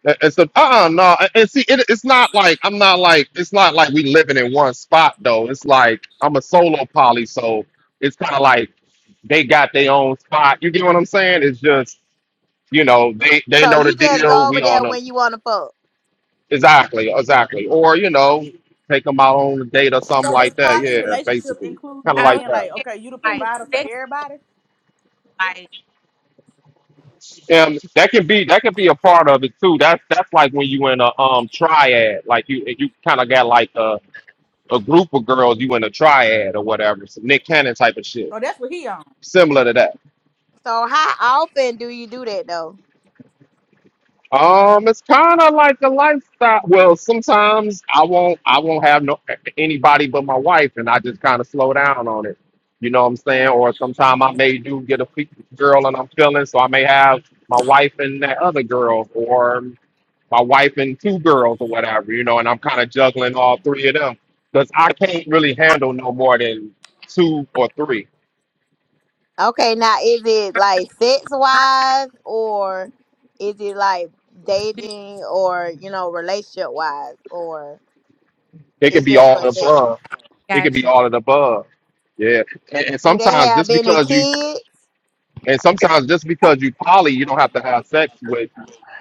it's a uh no, and see it, it's not like I'm not like it's not like we living in one spot though. It's like I'm a solo poly, so it's kind of like they got their own spot. You get what I'm saying? It's just, you know, they they So know the you just deal. go over We all there know when you want to fuck. exactly, exactly. Or you know, take them out on a date or something So the like that. poly Yeah, relationship basically, includes kind of you like out being that. like, here okay, you the like provider for sex everybody. Hey, life. And that can be that can be a part of it too. That's that's like when you in a um triad, like you you kind of got like a a group of girls you in a triad or whatever, some Nick Cannon type of shit, So that's what he on. similar to that. So how often do you do that though? Um, it's kind of like a lifestyle. Well, sometimes I won't, I won't have no anybody but my wife, and I just kind of slow down on it. You know what I'm saying? Or sometimes I hmm may do get a fe- girl, and I'm feeling, so I may have my wife and that other girl, or my wife and two girls, or whatever. You know, and I'm kind of juggling all three of them because I can't really handle no more than two or three. Okay, now is it like sex wise or is it like Do you dating or you know relationship wise or It could it's be just for all of the sex? above. It could got be you? all of the above. Yeah. And, and Do they sometimes have just any because you kids? And sometimes just because you poly, you don't have to have sex with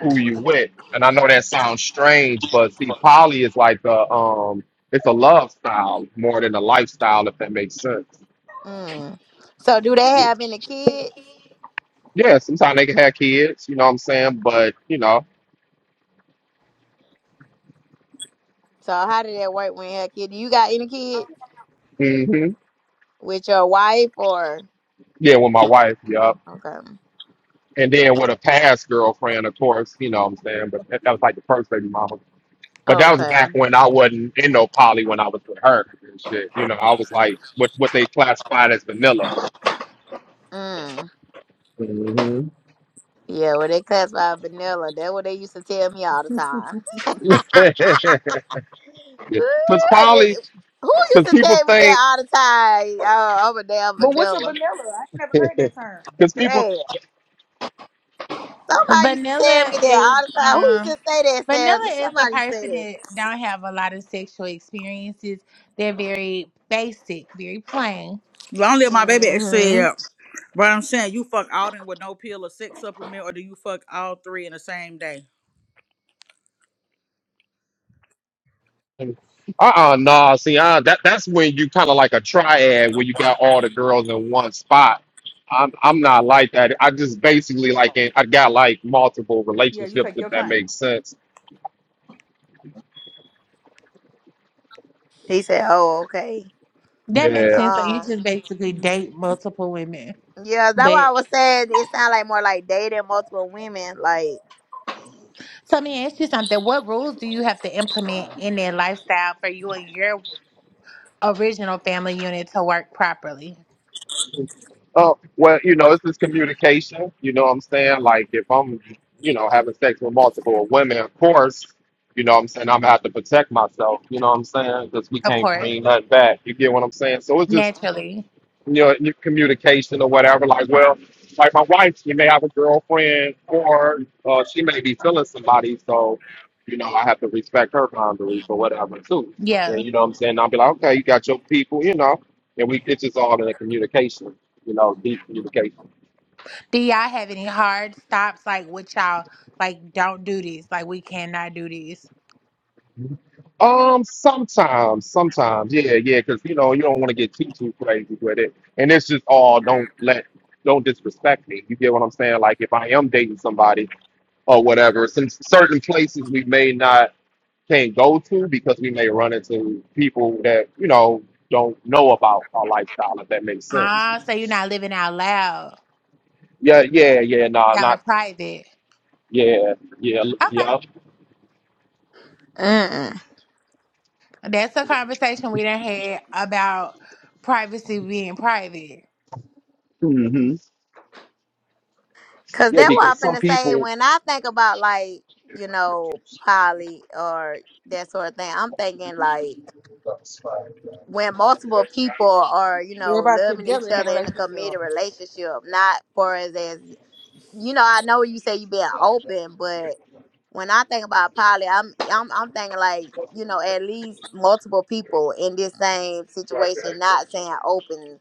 who you with. And I know that sounds strange, but see, poly is like a um, it's a love style more than a lifestyle, if that makes sense. Mm. So do they have any kids? Yeah, sometimes they can have kids, you know what I'm saying? But you know, So how did that work when you had kids? Do you got any kids hmm with your wife or? yeah, with my wife, yeah. Okay. And then with a past girlfriend, of course, you know what I'm saying. But that, that was like the first baby mama. But that was Okay. back when I wasn't in no poly when I was with her and shit. You know, I was like what what they classified as vanilla. Mm. Yeah, well, they classify vanilla. That's what they used to tell me all the time. Ooh, Because I probably guess- Who used because to people tell me that think all the time? Oh, I'm a damn But what's a vanilla? vanilla. I ain't never heard that term. because people Damn. Somebody used to tell Vanilla me that is all the time. Who used to um say that, Vanilla Sandra? is a Somebody say person that don't have a lot of sexual experiences. They're very basic, very plain. Long that. live my baby it hmm said, but I'm saying you fuck all in with no pill or sex supplement, or do you fuck all three in the same day? uh-uh nah see uh, that that's when you kind of like a triad where you got all the girls in one spot. I'm I'm not like that. I just basically like in- I got like multiple Yeah, you relationships take if your that time. makes sense. He said, oh, okay. That makes Yeah. sense. So you Um, just basically Mhm. date multiple women. yeah, that's why I But was saying it sounded like more like dating multiple women. Like, so let me ask you something. What rules do you have to implement in their lifestyle for you and your original family unit to work properly? Oh well, you know it's just communication. You know what I'm saying? Like if I'm you know having sex with multiple women, of course. You know what I'm saying? I'm gonna have to protect myself. You know what I'm saying? Because we Of can't course. bring nothing back. You get what I'm saying? So it's just Naturally. your, your communication or whatever. Like, well, like my wife, she may have a girlfriend or uh, she may be feeling somebody. So, you know, I have to respect her boundaries or whatever, too. Yeah. And you know what I'm saying? I'll be like, okay, you got your people, you know, and we, it's just all in the communication, you know, deep communication. Do y'all have any hard stops like with y'all like don't do this, like we cannot do this? Um, sometimes, sometimes, yeah, yeah, because, you know, you don't want to get too, too crazy with it. And it's just all don't let, don't disrespect me. You get what I'm saying? Like, if I am dating somebody, or whatever. Since certain places we may not can't go to because we may run into people that you know don't know about our lifestyle. If that makes sense. Ah, so you're not living out loud. Yeah, yeah, yeah. No, Y'all are not private. yeah, yeah, l- Okay. yeah. mm-mm. That's a conversation we done had about privacy being private. hmm Cause Yeah, that's what I'm because some finna say. people When I think about like, you know, poly or that sort of thing, I'm thinking like when multiple people are, you know, Everybody loving together each in a other in a relationship. committed relationship, not for as as you know, I know you say you being open, but when I think about poly, I'm I'm I'm thinking like, you know, at least multiple people in this same situation, not saying open.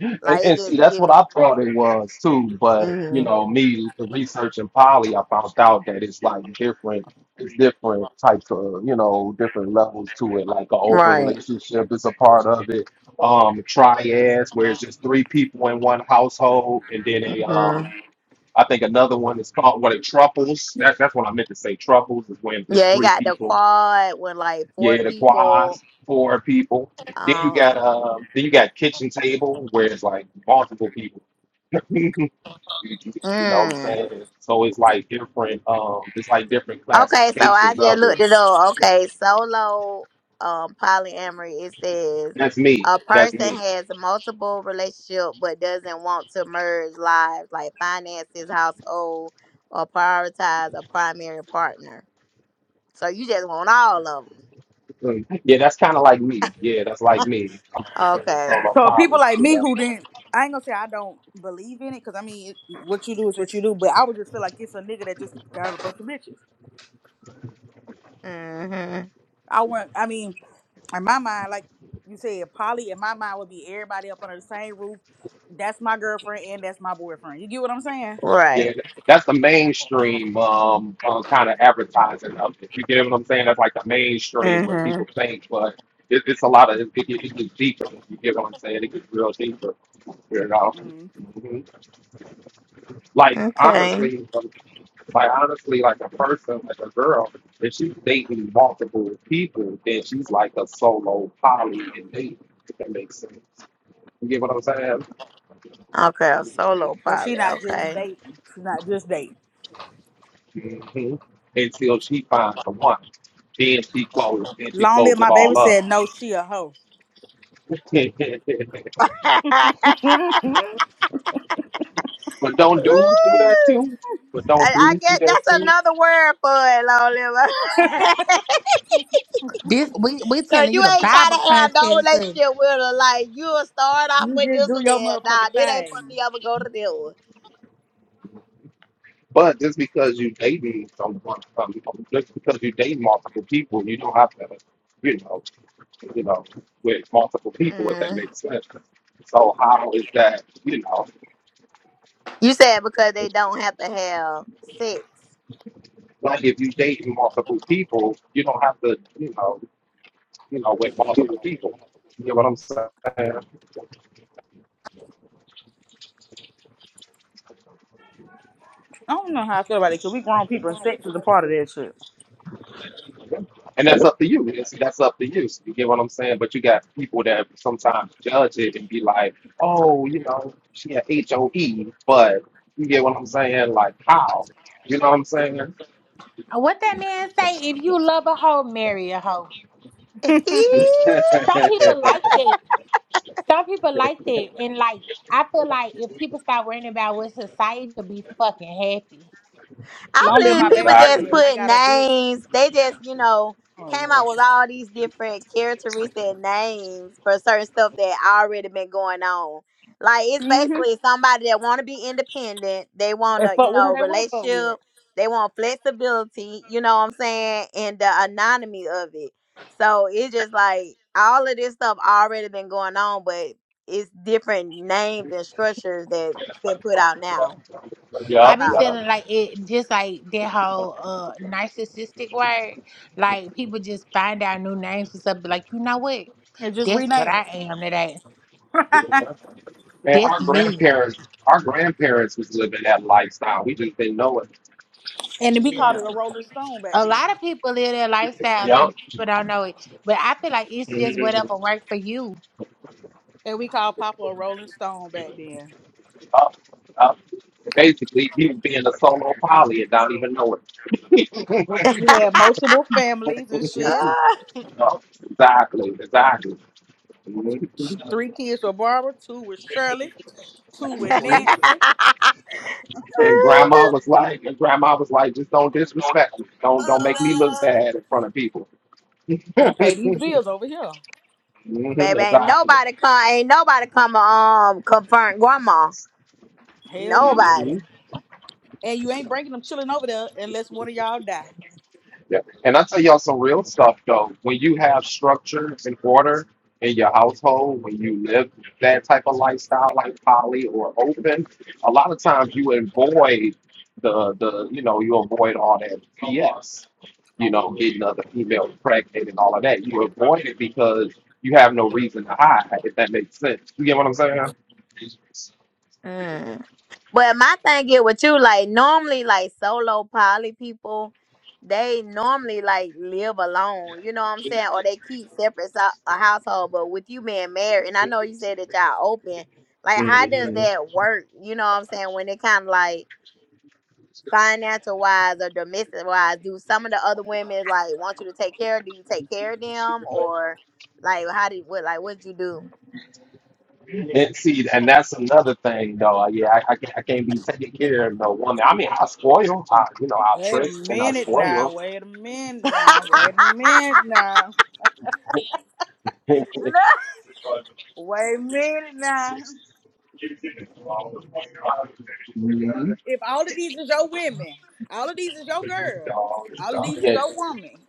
And, Like it's and see, just that's what giving. I thought it was too. But you hmm know, me researching poly, I found out that it's like different. It's different types of you know different levels to it. Like an open Right. relationship is a part of it. Um, triads, where it's just three people in one household, and then a um, I think another one is called what it triples. That's that's what I meant to say. Triples is when it's Yeah, they three got the people. quad with like four Yeah, the people. quads, four people. Then you got Um, um, then you got kitchen table where it's like multiple people you know what I'm mm. saying? So it's like different, um, it's like different Okay, so I classifications just of looked it. it up. Okay, solo um polyamory. It says That's me. a That's person me. has multiple relationship but doesn't want to merge lives like finances, household, or prioritize a primary partner. So you just want all of them. Yeah, that's kind of like me. Yeah, that's like me. I'm Okay. so my So father, people like you me know. who didn't, I ain't gonna say I don't believe in it, cause I mean, it, what you do is what you do. But I would just feel like it's a nigga that just got a bunch of bitches. Mhm. I want. I mean, in my mind, like you said, Polly. In my mind, would be everybody up under the same roof. That's my girlfriend and that's my boyfriend. You get what I'm saying? Yeah, Right. that's the mainstream um, uh, kind of advertising of it. You get what I'm saying? That's like the mainstream where Mhm. people think, but it, it's a lot of it, it, it gets deeper. You get what I'm saying? It gets real deeper. You know, Mm. Mhm. like Okay. honestly. Like honestly, like a person, like a girl, if she's dating multiple people, then she's like a solo poly and date. If that makes sense. You get what I'm saying? Okay. a Solo So she poly. not just Okay. dating. She not just dating. hmm Until she finds the one, then she closes, then she Long live closes it my baby all up. said no. She a hoe. And I but don't dudes do that too? But don't dudes do guess that's that too? another word for it, Lord Liver. This we we Cause telling you you the ain't trying Bible to have no context of relationship with her. Like you'll start off You with this just do and your then nah, motherfucking this ain't for thing. me. I'ma go to this one. But just because you dating someone, um, just because you date multiple people, you don't have to, you know. you know, with multiple people, if that Mm. makes sense. So how is that, you know, You said because they don't have to have sex. like if you date multiple people, you don't have to, you know, you know, with multiple people. You get what I'm saying? I don't know how I feel about it because we grown people and sex is a part of that shit. And that's up to you. And see, that's up to you. You get what I'm saying? But you got people that sometimes judge it and be like, oh, you know, she had HOE, but you get what I'm saying? Like how? You know what I'm saying? what that man say, if you love a hoe, marry a hoe. Some people like that. Some people like that, and like I feel like if people start worrying about what society would be fucking happy. I Long live believe my people baby just said, Exactly. I put got a big. names. They just, you know, Oh, came Lord. out with all these different characteristic and names for certain stuff that already been going on. Like it's hmm basically somebody that want to be independent. They want And to, you fuck with who know, they want to fuck with. relationship. They want flexibility. You know what I'm saying? And the anonymity of it. So it's just like all of this stuff already been going on, but it's different names and structures that been put out now Yep, I be about it. yep. feeling like it, just like that whole uh narcissistic word. Like people just find out new names for something. Like you know what? And just That's what rename I it. am today. Man, That's our me. grandparents, our grandparents was living that lifestyle. We just didn't know it. and then we called it Yeah. a Rolling Stone back A then. lot of people live their lifestyle Yup. and people don't know it, but I feel like it's just whatever worked for you. And we called Papa a Rolling Stone back then. Up, up. Basically, he was being a solo poly and not even know it. He had multiple families and shit. Yup. exactly, exactly. Mhm. Three kids with Barbara, two with Shirley, two with Nancy. And grandma was like, and grandma was like, just don't disrespect me. Don't don't make me look bad in front of people. And pay these bills over here. Mhm, Baby, ain't Exactly. nobody come, ain't nobody come um confront grandma. Hell no. Mm-hmm. Nobody. And you ain't bringing them chilling over there unless one of y'all die. Yeah. And I tell y'all some real stuff though. When you have structure and order in your household, when you live that type of lifestyle like poly or open, a lot of times you avoid the the you know, you avoid all that BS. You know, getting other females pregnant and all of that. You avoid it because you have no reason to hide, if that makes sense. You get what I'm Mm. But my thing is with you, like normally, like solo poly people, they normally like live alone. You know what I'm saying? Or they keep separate so- a household. But with you being married, and I know you said that y'all open. Like, how saying? does that work? You know what I'm saying? When it kind of like financial wise or domestic wise, do some of the other women like want you to take care? Do you take care of them or like how did what like what'd you do? And see, and that's another thing, though. Yeah, I, I, can't, I can't be taking care of no woman. I mean, I spoil, I, you know, I Wait a trick and I minute now. spoil. Wait a minute now. Wait a minute now. Look, Wait a minute now. Mhm. If all of these is your women, all of these is your girl, all of these is Yeah, your woman,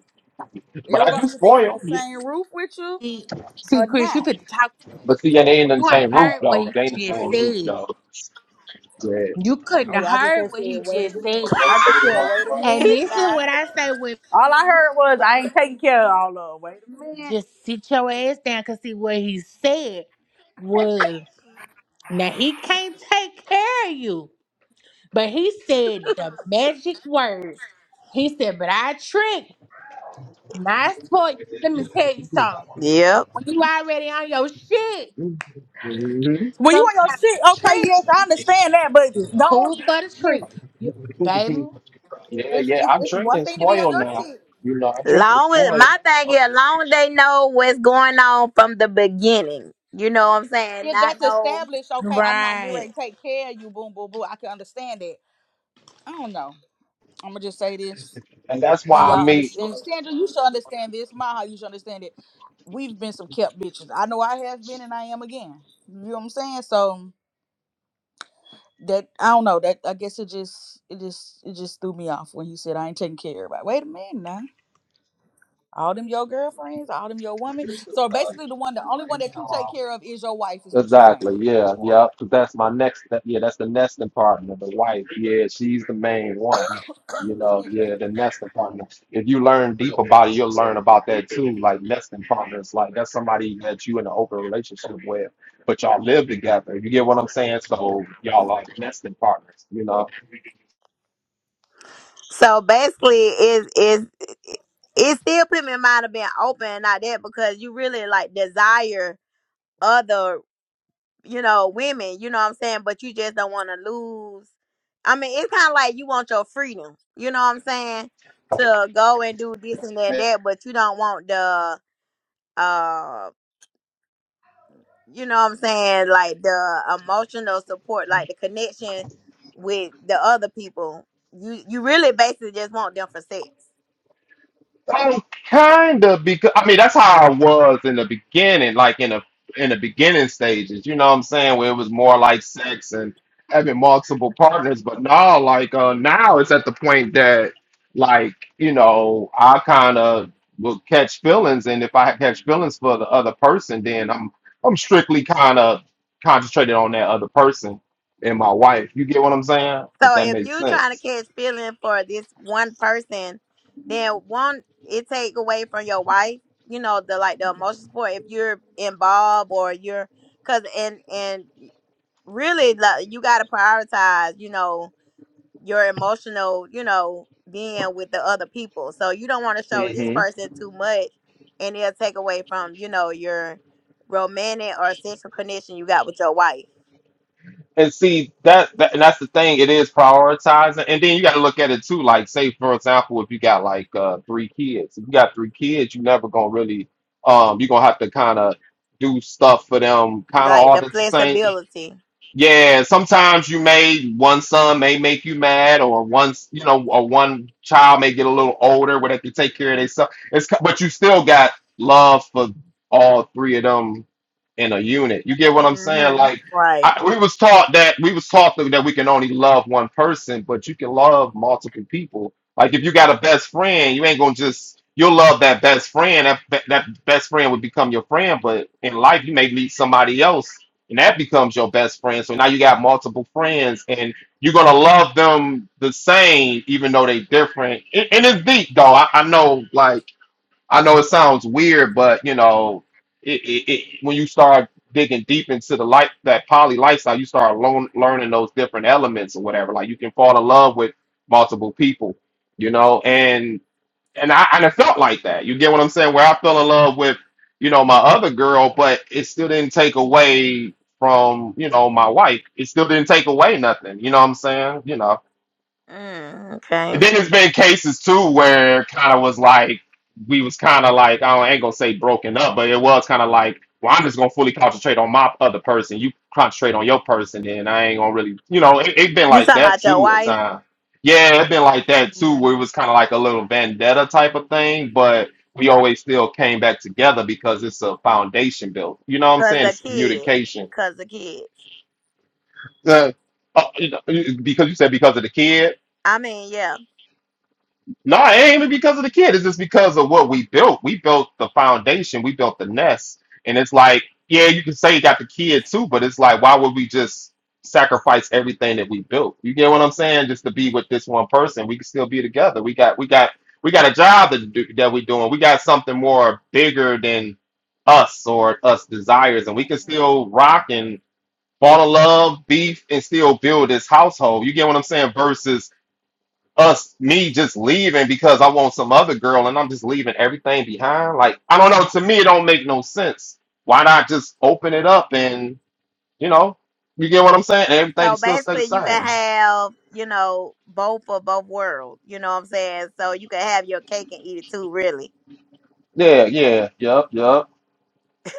but I do irregardless if they under spoil. the Yeah. same roof with you See, see, or Chris, you not. fit the talk too much. But see, yeah, they ain't in the You same ain't roof, heard what though. he They ain't the just same roof, said. though. Yeah. You couldn't have Oh, I just heard had said, what he wait a just said. minute. I just said, wait a And he's minute this is now. what I say with All I heard was, I ain't taking care of all of them. Wait a minute. just sit your ass down. Cause see what he said was now he can't take care of you. But he said the magic word. He said, but I trick, not spoil. Let me tell you something. yep. When you already on your shit, hmm When you on sometimes your shit, the okay, trick yes, I understand that, but is don't cool but a treat. listen. You, baby. Yeah, It's, yeah, it's, I'm it's one drinking thing to be on spoil your now. shit. You know, I'm drinking Long as spoil. my thing is, long as they know what's going on from the beginning. You know what I'm saying? if Not that's know. established, okay, I'm not getting Right. ready to take care of you, boom, boom, boom. I can understand that. I don't know. I'm gonna just say this. And that's why And I y'all meet. understand Sandra, you should understand this. Maha, you should understand it. We've been some kept bitches. I know I have been and I am again. You know what I'm saying? So that I don't know. That I guess it just it just it just threw me off when he said I ain't taking care of everybody. Wait a minute now. All them your girlfriends, all them your women. So basically the one the only one that you take care of is your wife, is what you Exactly. saying. Yeah. Yeah. 'Cause that's my next. That, yeah. That's the nesting partner, the wife. Yeah. She's the main one. You know. Excuse Yeah. The nesting partner. If you learn deep about it, you'll learn about that too. Like nesting partners. Like that's somebody that you in an open relationship with, but y'all live together. You get what I'm saying? So y'all like nesting partners. You know. So basically, is is it it still put me in mind of being open and not that because you really like desire other you know, women, you know what I'm saying? But you just don't want to lose. I mean, it's kind of like you want your freedom, you know what I'm saying? To go and do this and that, that, but you don't want the, uh, you know what I'm saying? Like the emotional support, like the connection with the other people. You you really basically just want them for sex. Um, kind of because I mean that's how I was in the beginning, like in the in the beginning stages. You know what I'm saying? Where it was more like sex and having multiple partners, but now like uh now it's at the point that like you know I kind of will catch feelings, and if I catch feelings for the other person, then I'm I'm strictly kind of concentrated on that other person and my wife. You get what I'm saying? If So that if makes you're trying to sense. catch feeling for this one person, then one it take away from your wife, you know, the like the me. emotional support if you're involved or you're cause and and really like you gotta prioritize, you know, your emotional, you know, being with the other people. So you don't wanna show this person too much and it'll take away from, you know, your romantic or sexual connection you got with your wife. and see that, that and that's the thing it is prioritizing and then you got to look at it too like say for example if you got like uh three kids if you got three kids you never gonna really um you're gonna have to kind of do stuff for them kind of Like all at the the same flexibility. yeah, and sometimes you may one son may make you mad, or once you know, or one child may get a little older where they can take care of themselves. It's ki- but you still got love for all three of them in a unit. You get what I'm saying? hmm Like Right. I, we was taught that we was taught that that we can only love one person, but you can love multiple people. Like if you got a best friend, you ain't gonna just you'll love that best friend. That that best friend would become your friend, but in life you may meet somebody else and that becomes your best friend. So now you got multiple friends, and you're gonna love them the same, even though they different. And, and it's deep, though. I, I know, like, I know it sounds weird, but you know, it, it, it when you start digging deep into the life that poly lifestyle, you start lo- learning those different elements or whatever. Like, you can fall in love with multiple people, you know, and and I and it felt like that. You get what I'm saying? Where I fell in love with, you know, my other girl, but it still didn't take away from, you know, my wife. It still didn't take away nothing. You know what I'm saying? You know. Mm, okay. And then there's been cases too where kind of was like we was kind of like I, don't, I ain't gonna say broken up, but it was kind of like well I'm just gonna fully concentrate on my other person. You concentrate on your person, and I ain't gonna really you know it, it been You like talking that about your too at wife? time. Yeah, it been like that too Mm, where it was kind of like a little vendetta type of thing, but we always still came back together because it's a foundation built. You know what I'm Cause saying? the It's kid, communication. cause the kids. Uh, uh, you know, because you said because of the kid. I mean, yeah. No, it ain't even because of the kid. It's just because of what we built. We built the foundation. We built the nest. And it's like, yeah, you can say you got the kid too, but it's like, why would we just sacrifice everything that we built? You get what I'm saying? Just to be with this one person, we can still be together. We got, we got, we got a job that do, that we doing. We got something more bigger than us or us desires, and we can still rock and fall in love, beef, and still build this household. You get what I'm saying? Versus us me just leaving because I want some other girl and I'm just leaving everything behind. Like I don't know. To me, it don't make no sense. Why not just open it up and you know, you get what I'm saying? And So everything still stay the basically, you can same. have you know both of both worlds. You know what I'm saying? So you can have your cake and eat it too. Really. Yeah, yeah, yep, yep,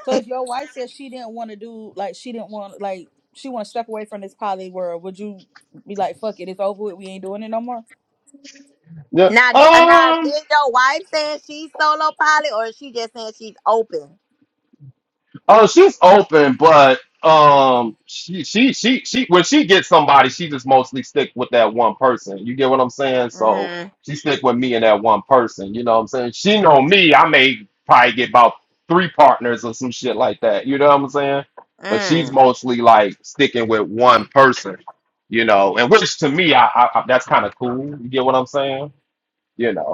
So if your wife says she didn't want to do like she didn't want like she want to step away from this poly world, would you be like, "Fuck it, it's over with. We ain't doing it no more"? yep. Now, do, uh, now Um. is your wife saying she's solo poly, or is she just saying she's open? Oh, she's open, but um, she she she she when she gets somebody, she just mostly stick with that one person. You get what I'm saying? So mm, she stick with me and that one person. You know what I'm saying? She know me. I may probably get about three partners or some shit like that. You know what I'm saying? But she's mm, mostly like sticking with one person. You know, and which to me, I, I, I that's kind of cool. You get what I'm saying? You know.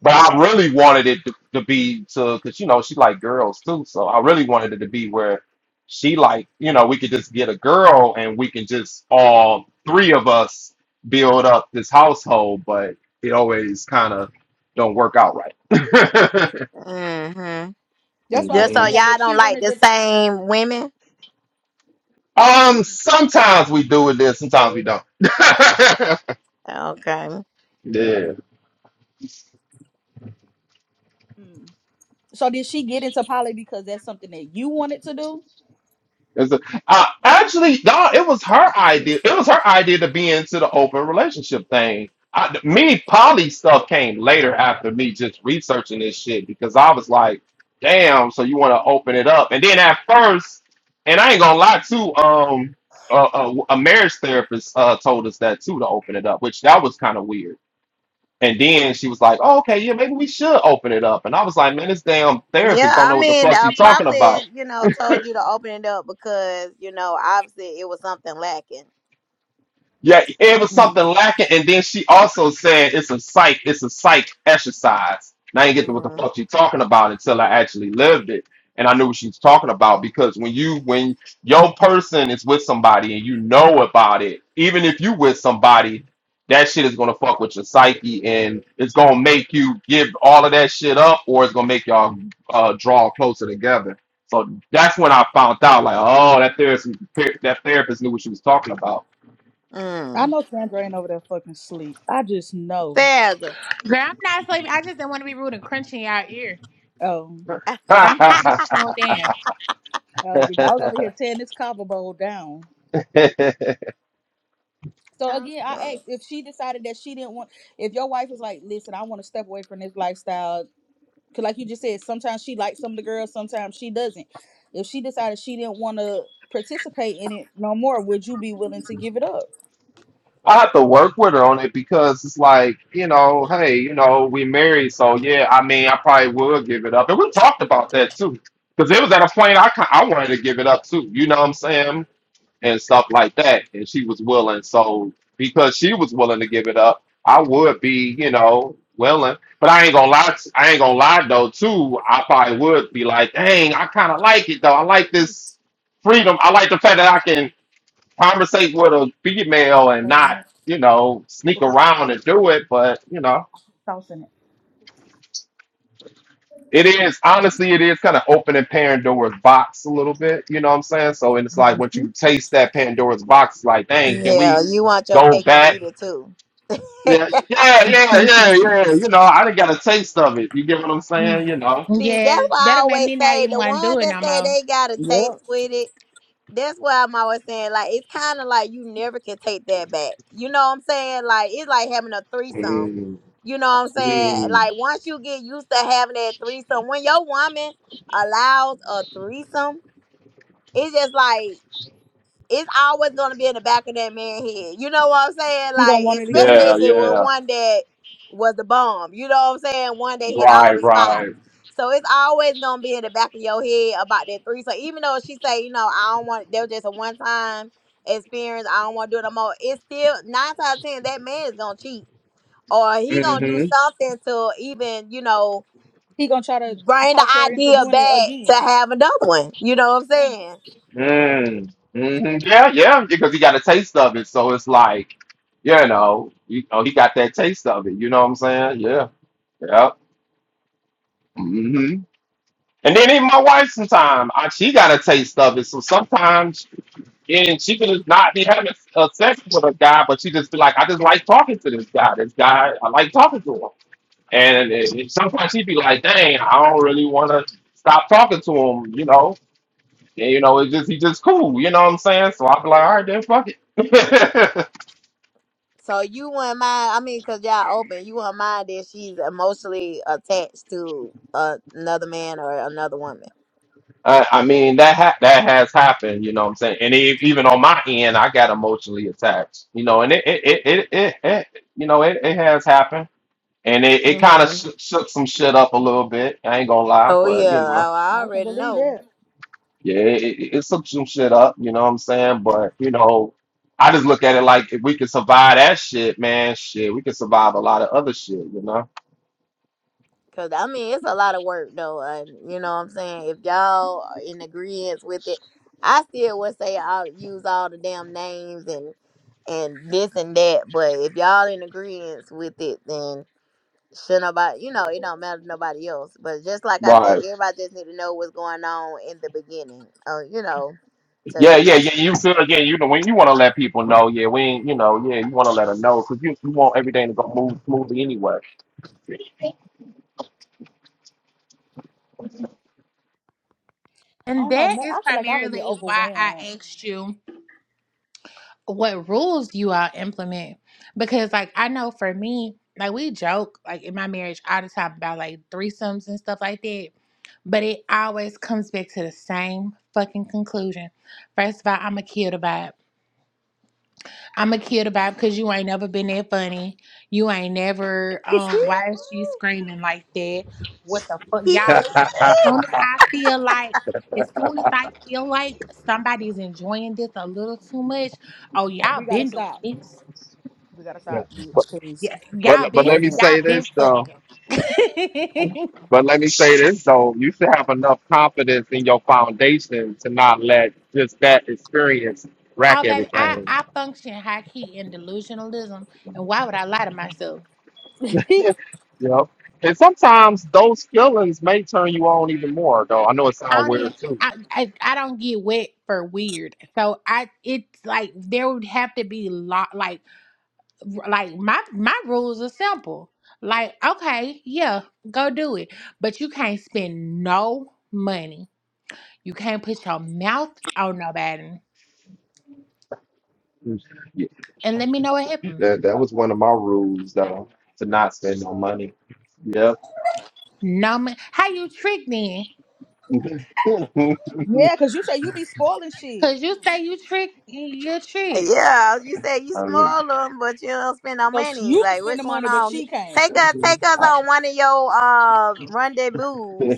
But I really wanted it to, to be to, because you know she like girls too, so I really wanted it to be where she like you know we could just get a girl and we can just all three of us build up this household, but it always kind of don't work out right. mm-hmm. That's why I was Just so saying Mhm. like y'all if she don't like wanted the to. same women. Um, sometimes we do it, this, sometimes we don't. Okay. yeah. Mm. So did she get into poly because that's something that you wanted to do? It's a, uh, actually, no, it was her idea. It was her idea to be into the open relationship thing. I, me poly stuff came later after me just researching this shit because I was like, damn, so you want to open it up. And then at first, and I ain't gonna lie too, um, uh, uh, a marriage therapist uh, told us that too to open it up, which that was kind of weird. And then she was like, oh, okay, yeah, maybe we should open it up. And I was like, man, this damn Yeah, therapist don't I know what the mean, fuck I she's talking about. probably, you know, told you to open it up because, you know, obviously it was something lacking. Yeah, it was something lacking, and then she also said it's a psych, it's a psych exercise. And I didn't get to what the Mm-hmm. fuck she's talking about until I actually lived it, and I knew what she was talking about because when you when your person is with somebody and you know about it, even if you with somebody, that shit is gonna fuck with your psyche, and it's gonna make you give all of that shit up, or it's gonna make y'all uh, draw closer together. So that's when I found out, like, oh, that therapist, that therapist knew what she was talking about I Mm. know Sandra ain't over there fucking sleep. I just know. Sandra. Girl, I'm not sleeping. I just didn't want to be rude and crunching y'all ear. Oh, But I'm I fully toned down. oh, bitch. I was over here tearing this copper bowl down. So again, I Okay. asked if she decided that she didn't want. If your wife was like, "Listen, I want to step away from this lifestyle," because like you just said, sometimes she likes some of the girls, sometimes she doesn't. If she decided she didn't want to participate in it no more, would you be willing to give it up? have to work with her on it because it's like, you know, hey, you know, we married, so yeah, I mean, I probably would give it up. And we talked about that too. Because it was at a point I ki- I wanted to give it up too, you know what I'm saying? And stuff like that. And she was willing. So because she was willing to give it up, I would be, you know, willing. But I ain't gonna lie, t- I ain't gonna lie though, too. I probably would be like, dang, I kinda like it though. I like this freedom. I like the fact that I can conversate with a female For and Thirty not, minutes, you know, sneak around and do it. But, you know, sauce in it is honestly, it is kind of opening Pandora's box a little bit. You know what I'm saying? So, and it's like it. once hmm you taste that Pandora's box, it's like, dang, can Yeah, we you want your go cake and back? eat it too. Yeah, yeah, yeah, yeah, yeah. You know, I didn't got a taste of it. You get what I'm saying? You know? See, that's Yes, why I that'll make always me not say even the want to do ones it that no say more. they got a Yeah. taste with it that's why I'm always saying like it's kind of like you never can take that back. You know what I'm saying? Like it's like having a threesome. You know what I'm saying? Like once you get used to having that threesome, when your woman allows a threesome, it's just like it's always gonna be in the back of that man's head. You know what I'm saying? He gonna Like, want it especially Yeah, if again. it yeah. was yeah. one that was the bomb. You know what I'm saying? One that hit all Right, the spots. right. So it's always gonna be in the back of your head about that three. So even though she say, you know, I don't want that was just a one time experience, I don't wanna do it no more, it's still nine times out of ten that man is gonna cheat. Or he gonna do Mm-hmm. Mhm. something to even, you know, He gonna try to bring the talk her into idea doing it back to again. have another one. You know what I'm Yeah, saying? Mm, mhm. Yeah, yeah, because he got a taste of it, so it's like, you know, you know, he got that taste of it. You know what I'm saying? Yeah, yeah. hmm And then even my wife, sometimes she got a taste of it. So sometimes, and she could just not be having a sex with a guy, but she just be like, I just like talking to this guy. This guy, I like talking to him. And, and sometimes she'd be like, Dang, I don't really want to stop talking to him. You know, Yeah, you know, it's just he just cool. You know what I'm saying? So I'll be like, all right, then fuck it. So you wouldn't mind? I mean, cause y'all open, you wouldn't mind that she's emotionally attached to uh, another man or another woman. I, I mean, that ha- that has happened. You know what I'm saying? And e even on my end, I got emotionally attached. You know, and it it it it, it, it you know it, it has happened, and it, it kind of hmm shook shook some shit up a little bit. I ain't gonna lie, Oh but yeah, you know, I, I I can already believe know. that. yeah, it, it, it shook some shit up. You know what I'm saying? But you know. I just look at it like if we could survive that shit, man, shit, we could survive a lot of other shit, you know? Cause I mean, it's a lot of work though, and you know what I'm saying. If y'all are in agreement with it, I still would say I'll use all the damn names and and this and that. But if y'all in agreement with it, then Should nobody, you know, it don't matter to nobody else. But just like I said, Right. everybody just need to know what's going on in the beginning. Oh, you know, to Yeah, yeah, yeah. You feel again. You know when you want to let people know. Yeah, we ain't. You know, yeah, you want to let them know because you, you want everything to go move smoothly anyway. I And don't know. that Man, is I feel like I would get primarily why I overwhelmed. asked you what rules you all implement. Because, like, I know for me, like, we joke, like, in my marriage all the time about, like, threesomes and stuff like that. But it always comes back to the same fucking conclusion. First of all, I'm going to kill the vibe. I'ma kill the vibe because you ain't never been that funny. You ain't never um why is she screaming like that? What the fuck y'all as soon as I feel like as soon as I feel like somebody's enjoying this a little too much, oh y'all we gotta been doing stop. this. We gotta But, stop, bitch. Cause Yeah, but y'all but been wait a let me minute. y'all say been this though. fucking. But let me say this though. You should have enough confidence in your foundation to not let just that experience rack oh baby, I, everything. I function high key in delusionalism and why would I lie to myself? you know. And sometimes those feelings may turn you on even more though. I know it I sounds don't even, weird too. I, I I don't get wet for weird. So I it's like there would have to be lot like like my my rules are simple. Like okay, yeah, go do it, but you can't spend no money. You can't put your mouth on nobody. Yeah, And let me know what happened. that that was one of my rules though to not spend no money. Yep. No, mo- how you tricked then? yeah, cause you say you be spoiling shit. Cause you say you trick, you trick. yeah, you said you I was spoil them, but you don't spend no So sh- money. you can Like spend what's the going money, but on? Get- she can't. Take us, take us like, on one of your uh rendezvous.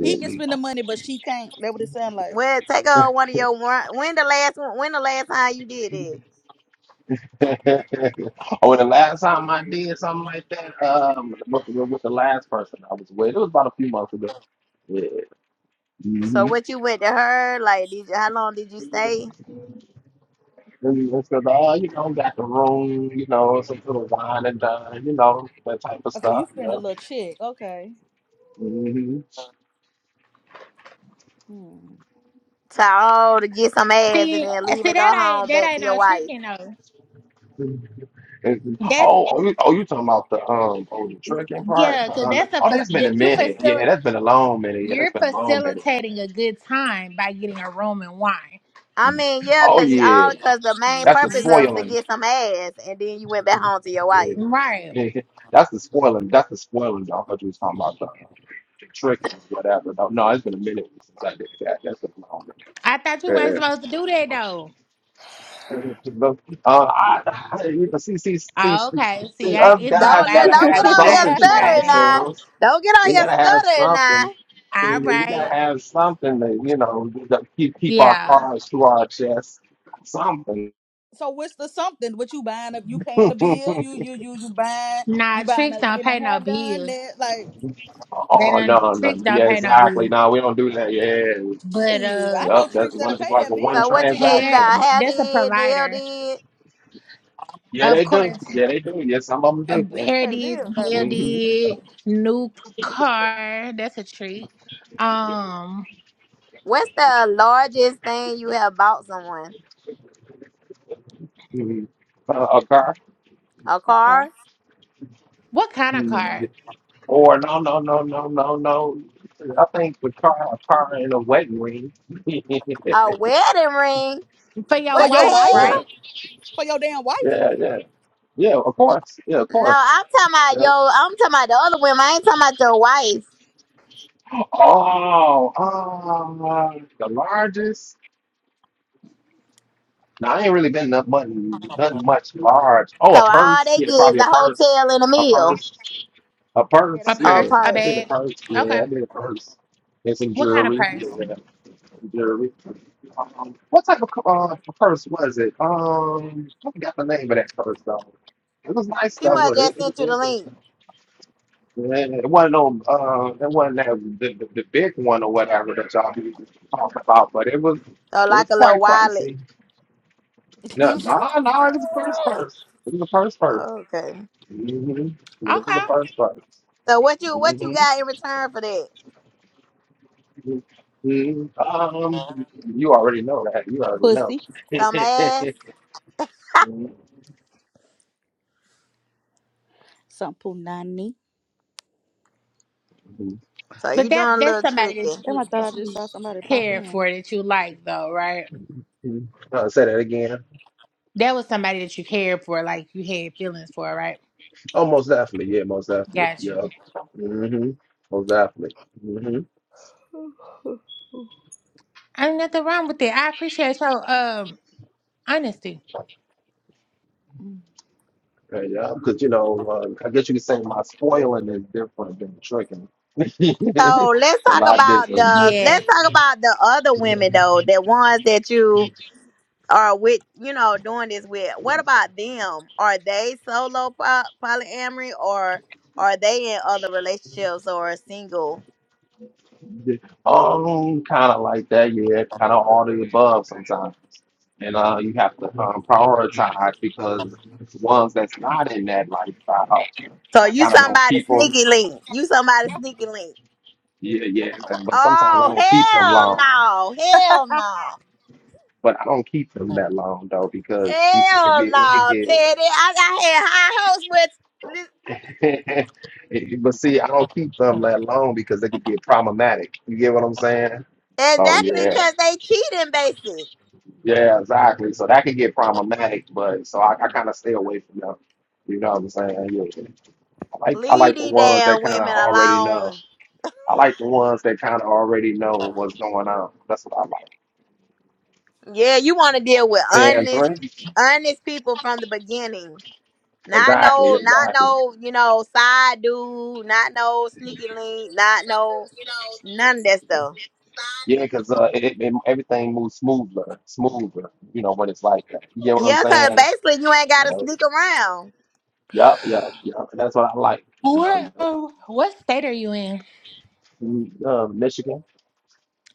He can spend the money, but she can't. That what it sound like. Well, take her on one of your run- when the last one- when the last time you did it. oh, the last time I did something like that, um, with, with the last person I was with, it was about a few months ago. Yeah. So Mm-hmm. what you went to her? Like did you? How long did you stay? And it's 'cause, uh, you know, got the room, you know, some little wine and done, you know, that type of Oh, So you stuff. spend a Yeah. little check, okay? Mm-hmm. Hmm. To all to get some ass and See, then leave see and go that ain't home that back to ain't your no wife. tricking though. And, That's Oh, oh, you, oh, you talking about the um, oh, the trucking part? yeah, cause Uh, that's a oh, fac- that's been a that you minute. facilitate. Yeah, that's been a long minute. Yeah, You're that's been a long minute. facilitating a good time by getting a Roman wine. I mean, yeah, Oh cause yeah, all cause the main that's a purpose of to spoiler. get some ass, and then you went back home to your wife. Yeah. Right. That's the spoiling. That's the spoiling. Y'all thought you was talking about the, uh, the trick or whatever. No, no, it's been a minute since I did that. That's been a long I thought you weren't minute. Yeah. supposed to do that though. Uh, I, I, you know, see, see, see, Oh, see, Okay. See, see, I, us it's been a guys Don't while look, gotta since don't get I've have been on lied here something to to by stuttering a man. now. ourselves. Don't get on We here gotta have stuttering now. something. All We gotta right. have something to, you know, to keep keep our Yeah. cards to our chest. Something. So what's the something? What you buying up? You paying oh a bill? You you you you buying? Nah, You buying tricks a don't getting a pay no hair done? bill. That like They no, don't no, tricks no. don't yeah, pay no exactly. bill. No, we don't do that. Yeah, But shit. I uh know Yep, that's tricks one. that'll It's pay like that a one So bill. what you did? You hair transaction. got a hair that's a did, nail provider. did. Yeah, Of they do. course. Yeah, they do. Yeah, some of uh, them Tricks Hair pay the did, bill, do. baby. nail did, new car. That's a treat. Um What's the largest thing you have bought someone? hmm hmm Uh, a car, A A car, car what kind of car? Mhm. or no, no, no, no, no, no. I think the car, a car in a wedding ring. yeah, a wedding ring. For your for What the your wife, wife? yeah, hell? right? For your damn wife? yeah, yeah. Of course, yeah, of No, course. I'm talking about Yeah. yo. I'm talking about the other women. I ain't talking about your wife. Oh, uh, the largest. No, I ain't really been nothing, nothing much large. Oh, So a all purse. they Yeah, get is probably a a purse. hotel and a A meal. purse. A Yeah, A purse, that dick. Oh, purse, yeah. a I purse. did a bag. purse, Okay. yeah. I did a purse. And some What kind of jewelry, purse? yeah. Jewelry. Um, what type of uh, purse was it? Um, I forgot the name of that purse though. It was nice She though. must but It, just it, sent you the it, it, link. yeah, it wasn't on, uh, it wasn't that, the, the the big one or whatever that y'all be talking about, but it was So it like was a little quite wallet. pricey. No, no, no, it was a purse purse. It was a purse purse. Okay. Mm-hmm. It was Okay. a purse purse. So what you what you Mm-hmm. got in return for that? Um, you already know that. You already know. Pussy. Some ass. Some punani. So you But doing that a that's little somebody that tricky. Damn, you I that thought I just you saw somebody pop cared in. for, that you like though, right? Uh, so- That was somebody that you cared for, like you had feelings for, right? Got you. Mhm. Ain't nothing wrong with it. I appreciate your um honesty. Uh, Yeah, because you know, uh, I guess you could say my spoiling is different than tricking. it's So let's a talk lot about different. the Yeah. let's talk about the other women though, the ones that you are with, you know, doing this with. What about them? Are they solo po- polyamory or are they in other relationships or single? Um, kind of like that, yeah. Kind of all the above sometimes, and uh, you have to um, prioritize because the ones that's not in that lifestyle, So I you kind of don't somebody keep 'em sneaky link. You somebody sneaky link. Yeah, yeah. and- But sometimes I Oh don't keep them hell long. no! Hell no! But I don't keep them that long though because it could be Hell it could no, get. Teddy. I got had high hopes with but see, I don't keep them that long because they could get problematic. You get what I'm saying? li- So exactly yeah, because they cheating, basically. yeah, exactly. So that could get problematic. But so I, I kind of stay away from them. You know what I'm saying? Yeah. I like I Leave like the these ones that damn kind of women already know. alone. I like the ones that kind of already know what's going on. That's what I like. Yeah, you want to deal with Ten honest, three. honest people from the beginning. Not Exactly. no, not Exactly. no, you know, side dude. Not no sneaky link. Not no none of that stuff. Yeah, because uh, it, it, everything moves smoother, smoother, you know, when it's like that. You get what I'm Yeah, cause saying? basically you ain't gotta Uh, sneak around. yep, yep, yep. And that's what I like, you know. What You know. um, what state are you in? Mm, Uh, Michigan.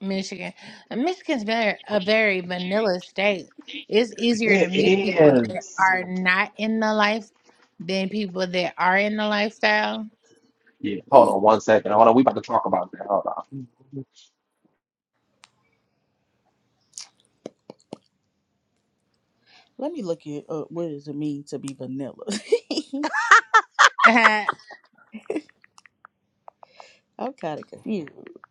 Michigan. And Michigan's very a very vanilla state. It's easier to It meet people that is. are not in the life than people that are in the lifestyle. Yeah, hold on one second. Hold on. We about to talk about that. Hold on. Let me look it up. What does it mean to be vanilla? hmm I'm kind of confused.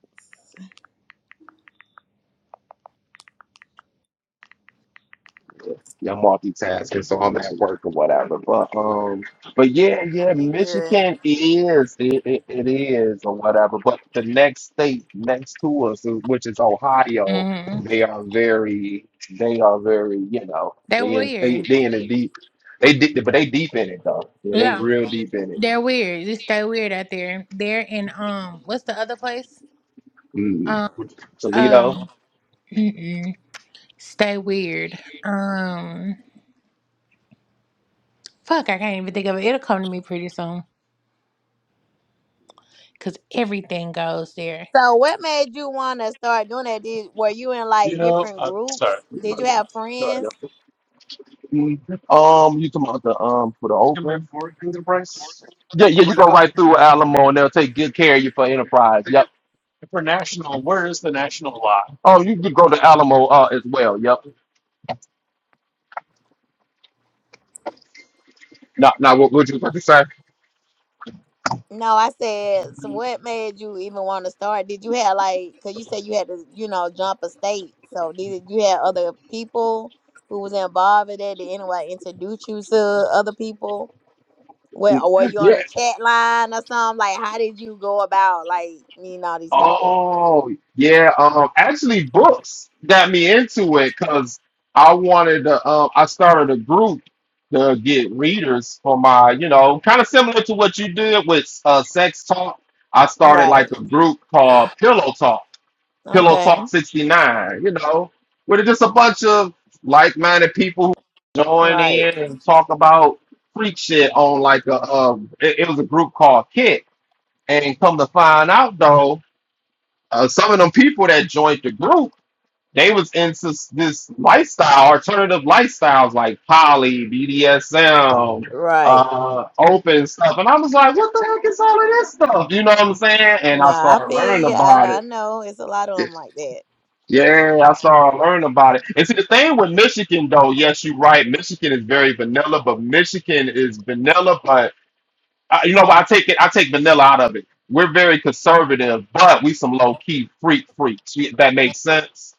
I'm multitasking, so I'm at work or whatever. But um, but yeah, No, yeah, you good. Michigan is it, it, it is or whatever. But the next state next to us, which is Ohio, They're they are very they are very you know they in they weird. they in the deep they deep but they deep in it though yeah they Yeah, real deep in it. they're weird. They stay weird out there. They're in um, what's the other place? Mm. Um, Toledo. um, mm-mm. stay weird. Um, fuck, I can't even think of it. It'll come to me pretty soon because everything goes there. So what made you want to start doing that? Did were you in like different groups? Did you have friends? Um, you talking about the um for the open? Yeah, yeah, you go right through Alamo and they'll take good care of you for Enterprise. Yup. Oh, you could go to Alamo uh, as well. Yep. Now, now what would you about to say? No, I said. So what made you even want to start? Did you have like? Cause you said you had to, you know, jump a state. So did you have other people who was involved in that? Did anyone introduce you to other people? What or were you on Yeah. a chat line or something? Like how did you go about like meeting all these people? Oh, yeah. Um, actually, books got me into it because I wanted to. Um, I started a group to get readers for my, you know, kind of similar to what you did with uh, sex talk. I started like Right. a group called Pillow Talk Pillow Okay. Talk 69. You know, where there's just a bunch of like minded people who join Right. in and talk about freak shit on like a, um, it, it was a group called Kick. And come to find out though, uh, some of them people that joined the group, they was into s- this lifestyle, alternative lifestyles like poly, BDSM, Right. uh, open stuff. And I was like, what the heck is all of this stuff? You know what I'm saying? And I Nah, I started learning feel you. about I, I it know it's a lot of them like that. yeah, I saw I learned about it. And see the thing with Michigan though, yes, you're right. Michigan is very vanilla, but Michigan is vanilla, but uh, you know what? I take it I take vanilla out of it. We're very conservative, but we some low key freak freaks. We- That makes sense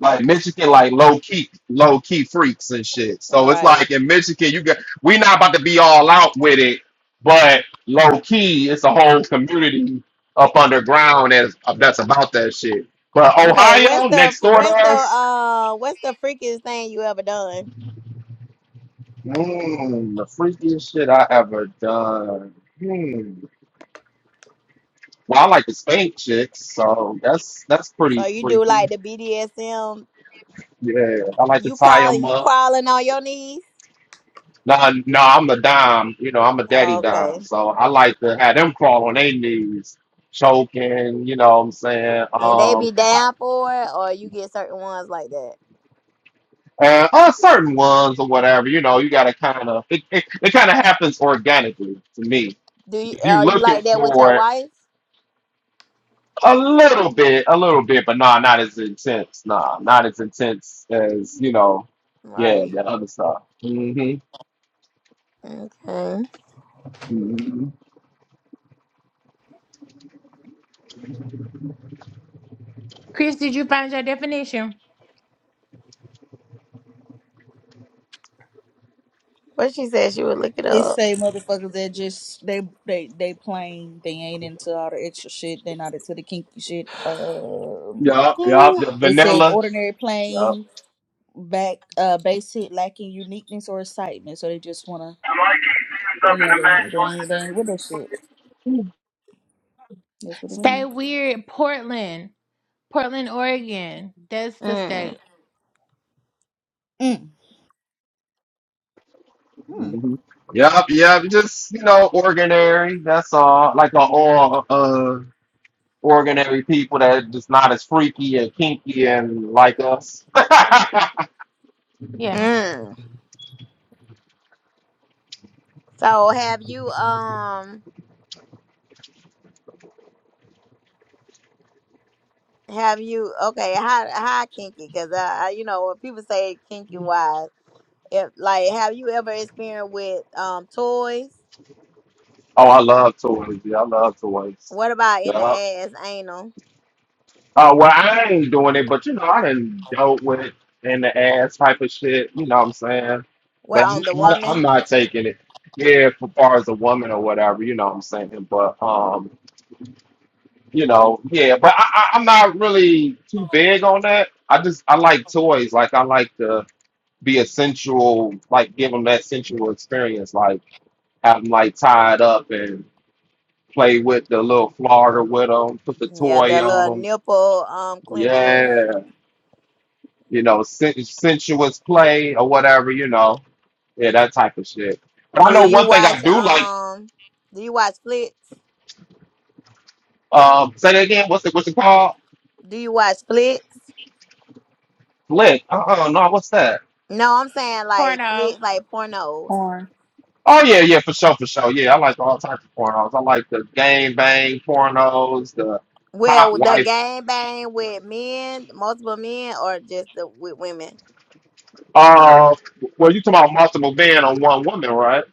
like Michigan, like low key, low key freaks and shit. So it's Right. like in Michigan, you got we not about to be all out with it, but low key, it's a whole community up underground that's that's about that shit. But Okay. What's Ohio, the next door to what's the us, uh what's the freakiest thing you ever done? mm, the freakiest shit I ever done. Hmm. Well, I like to spank chicks, so that's that's So pretty you do freaky. like the BDSM? Yeah, I like to You tie crawling? 'em You up. crawling on your knees? No, no, I'm a dime. You know, I'm a daddy Okay. dime. So I like to have them crawl on their knees, choking, you know what I'm saying? And they be Um, down for it, or you get certain ones like that. and uh, certain ones or whatever, you know, you got to kind of, it, it, it kind of happens organically to me. Do you If you are you looking like that with your for it, wife? a little bit, a little bit, but nah, not as intense. Nah, not as intense as, you know, yeah, Right. that other stuff. Mm-hmm. Okay. mm-hmm. Chris, did you find your definition? But she said she would look it They up. say motherfuckers that just they they they plain they ain't into all the extra shit. They not into the kinky shit. Um, Yup, yup. The it says vanilla. ordinary yup. plain back uh base hit lacking uniqueness or excitement. So they just wanna you know they, they ain't they ain't with that shit. That's what it Stay means. weird, Portland. Portland, Oregon. That's the Mm. state. Mm. Mm. Mhm. Yep, yep. Just you know, ordinary. That's all. Like a all uh, ordinary people that just not as freaky and kinky and like us. oh, Yeah. Mm. So have you um? Have you okay? How how kinky? Because I, I, you know, when people say kinky wise, if like, have you ever experienced with um toys? I love toys. Yeah, I love toys. What about in the Yup. ass anal? Uh, well, I ain't doing it, but you know, I done dealt with in the ass type of shit. You know what I'm saying? But Well, on the I'm, I'm I'm woman, not taking it. Yeah, for far as a woman or whatever. You know what I'm saying? But um. you know, yeah, but I, I, I'm not really too big on that. I just I like toys. Like I like to be a sensual, like give them that sensual experience. Like have them like tied up and play with the little flogger with them, put the yeah, toy the on little them. nipple um clenches. Yeah, you know, sen- sensuous play or whatever. You know, yeah, that type of shit. But I Do know you one thing watch I do like. um? Do you watch flicks? Um, say that again. What's it? What's it called? Do you watch flicks? Flick. Uh uh no. What's that? No, I'm saying like Porno. flicks, like pornos. Or Oh yeah, yeah, for sure, for sure. Yeah, I like all types of pornos. I like the gang bang pornos, the hot Well, the wife. gang bang with men, multiple men, or just the, with women. Uh, well, you talking about multiple men on one woman, right?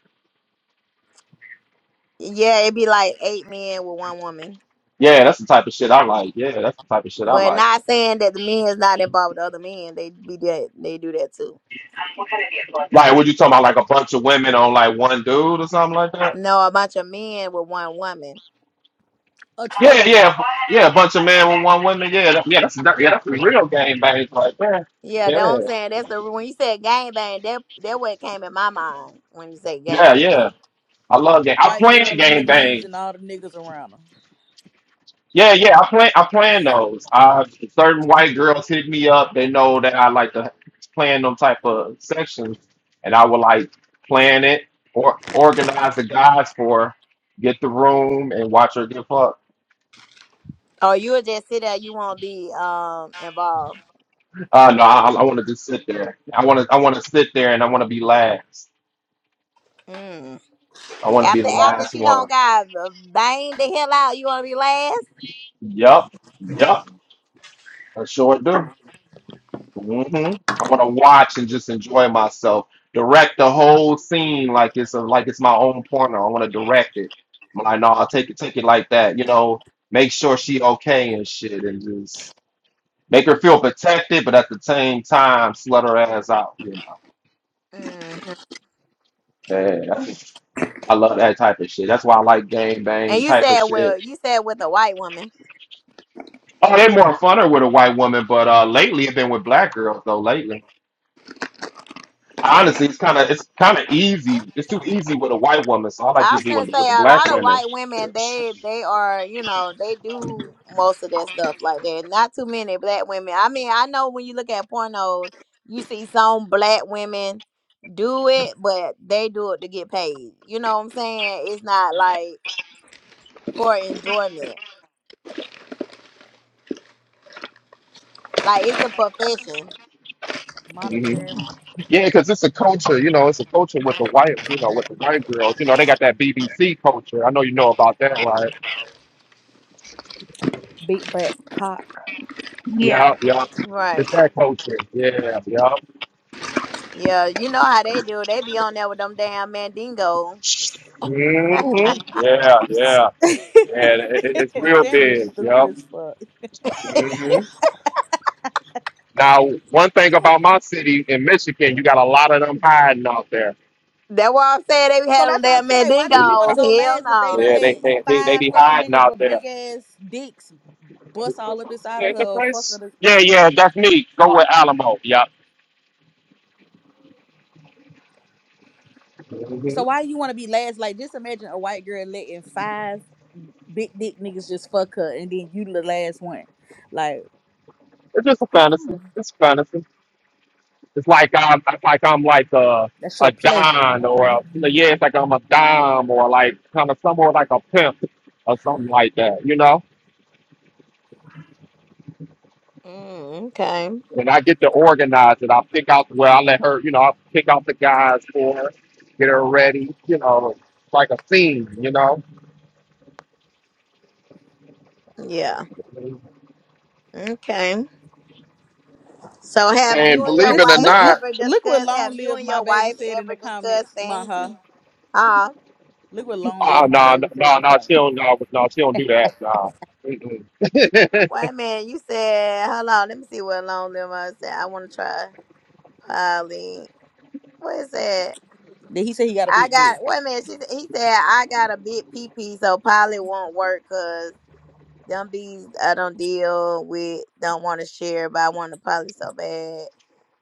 Yeah, it'd be like eight men with one woman. Yeah, that's the type of shit I like. Yeah, that's the type of shit I But like. not saying that the men is not involved with other men. They be that they do that too. Like, what you talking about? Like a bunch of women on like one dude or something like that? No, a bunch of men with one woman. a Yeah, train yeah, yeah. A bunch of men with one woman. Yeah, that, yeah. That's that, yeah. That's the real gang bangs right there. Yeah, that's what Yeah, I'm saying. That's the when you said gangbang, that that what came in my mind when you say yeah, gangbang. yeah. I love game. I white played girl on her knees game and all the niggas around her Yeah, yeah, I plan I plan those. Uh certain white girls hit me up. They know that I like to plan them type of sections and I will like plan it or organize the guys for get the room and watch her get fucked. Or you'll just sit there, you won't be um involved. Uh no, I I wanna just sit there. I wanna I wanna sit there and I wanna be last. Mm. I wanna be After the after last she one. don't got banged the hell out, you wanna be last? Yup, yup, I sure do. hmm I want to watch and just enjoy myself. Direct the whole scene like it's a, like it's my own porno. I want to direct it. I'm like, no, I'll take it, take it like that. You know, make sure she okay and shit, and just make her feel protected, but at the same time, slut her ass out. You know, hmm yeah, that's- I love that type of shit. That's why I like gang And bang you type of said shit. well, you said with a white woman. Oh, they more funner with a white woman, but uh, lately it's been with black girls though. Lately. Honestly, it's kind of it's kind of easy. It's too easy with a white woman, so I like I you was doing gonna it with say the a black lot of women. white women they they are you know they do most of that stuff like that. Not too many black women. I mean I know when you look at pornos, you see some black women do it, but they do it to get paid. You know what I'm saying? It's not like for enjoyment. Like it's a profession, hmm Monetary, Yeah, because it's a culture, you know, it's a culture with the white, you know, with the white girls. You know, they got that BBC culture. I know you know about that, right? big back cocks. Yeah, Yeah, yeah. right? It's that culture. Yeah, yeah. Yeah, you know how they do. They be on there with them damn mandingo. hmm Yeah, yeah, yeah. It, it- it's real Sandra's big. stupid Yeah. as fuck. hmm Now, one thing about my city in Michigan, you got a lot of them hiding out there. That's why I'm saying they So had them that's why I'm damn still like, why do you want to mandingos. go Hell last if they no. done Yeah, they let they they, they five be fucking hiding niggas out with there. big ass dicks bust all up inside of her? or Fuck her. to- Yeah, yeah, that's me. Go with Alamo. Yeah, So why you want to be last? Like, just imagine a white girl letting five big dick niggas just fuck her, and then you the last one. Like, it's just a fantasy. mm, It's a fantasy. It's like I'm, it's like I'm like a that's a your pleasure. don or Okay. a, yeah, it's like I'm a dom or like kind of somewhere like a pimp or something like that. You know, Mm, okay. when I get to organize it, I pick out where I let her. You know, I pick out the guys for her, get her ready. You know, it's like a scene. You know, Yeah. Okay. So have And you and believe your it This or wife look, not, look, ever look what discussed have "Long you Live and My your Baby" wife said in the ever discussed comments. My huh. fantasy? Uh Look what "Long oh Live My no, Baby" said in no, the no, she comments. don't, no, no, she don't do that. No. wait a minute, you said hold on, let me see what long limb I said. I wanna try poly. What is that? Then he said he got a I big dick. got wait a minute, she, he said I got a big pee pee so poly won't work 'cause Them bees I don't deal with, don't want to share, but I want to poly so bad.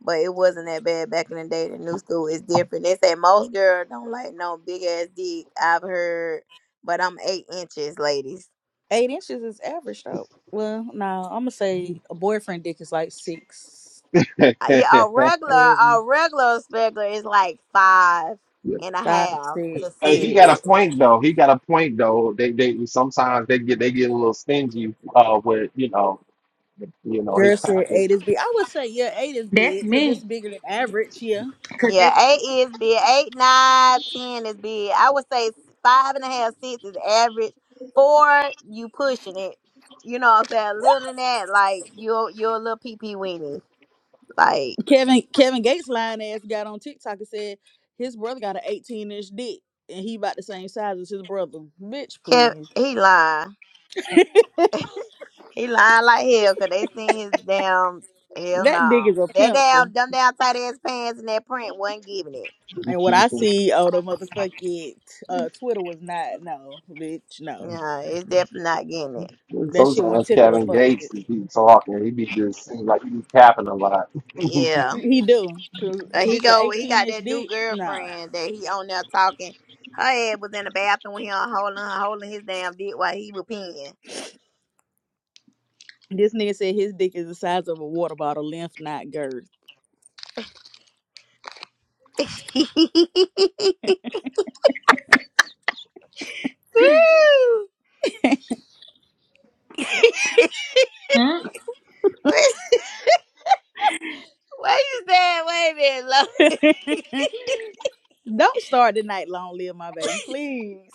But it wasn't that bad back in the day. The new school is different. They say most girls don't like no big ass dick. I've heard, but I'm eight inches, ladies. Eight inches is average though. Well, no, I'm gonna say a boyfriend dick is like six, Uh, Yeah, a Mm-mm. regular, seven, a regular speckler is like five and a five, half six. to Hey, six. he got Yeah. a point though. He got a point though. They they sometimes they get they get a little stingy uh with you know you know his Girl said eight package. is big. I would say yeah, eight is that's big because it's me. bigger than average. Yeah. 'Cause it's- Yeah, eight is big. Eight, nine, ten is big. I would say five and a half, six is average. Four, you pushing it. You know what I'm saying? Little than that, like you're you're a little pee pee weenie. Like Kevin Kevin Gates line ass got on TikTok and said his brother got an 18 inch dick and he about the same size as his brother. Bitch, Kev, please. he lying. He lying like hell because they seen his damn hell That dick no. is a That pencil. damn dumb down tight ass pants and that print wasn't giving it. And what I see on the motherfucking uh, Twitter was not no, bitch, no. No, it's definitely not getting it. That shit won't Sometimes tickle a Kevin Gates fucking. he be talking. He be just seems like he be capping a lot. Yeah. He do. Cause Uh, he bitch, a go. He 18 got inch that new dick? Nah. girlfriend that he on there talking. Her ass was in the bathroom with him holding her, holding his damn dick while he was peeing. This nigga said his dick is the size of a water bottle, length, not girth. Woo! mm. Wait wait, you said? Wait a minute, Lord. Don't start the night long live my baby, please.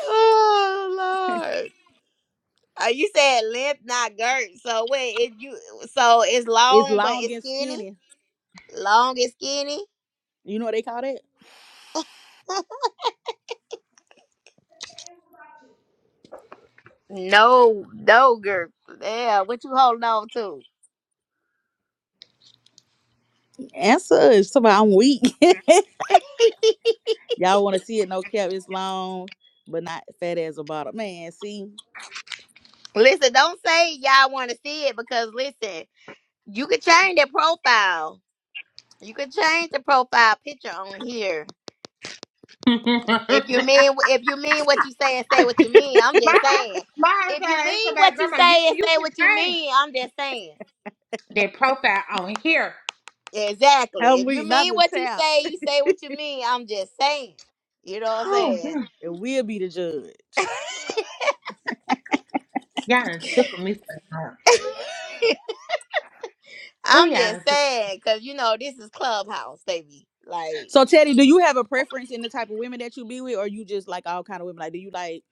Oh Lord. Uh, you said length, not girth. So wait, it you so it's It's long but long it's and skinny. skinny. Long and skinny. You know what they call that? No, no girth. Yeah, what you holding on to? Answer is somebody I'm weak. Y'all wanna see it, no cap, it's long, but not fat as a bottle. Man, see? Listen, don't say y'all want to see it because listen, you could change the profile. You could change the profile picture on here. If you my mean if you mean what you say and say what you mean, I'm just hus- saying. my If husband you asked mean what somebody, you Grandma, you say and you say can what you change mean, I'm just saying. their profile on here. Exactly. I'm If you weak, not mean the what you tap. say, you say what you mean. I'm just saying. You know what I'm Oh, saying? mm. And we'll be the judge. y'all done took me for that. Oh, I'm y'all just done took saying, cause you know this is Clubhouse, baby. Like, So Teddy, do you have a preference in the type of women that you be with, or you just like all kind of women? Like, do you like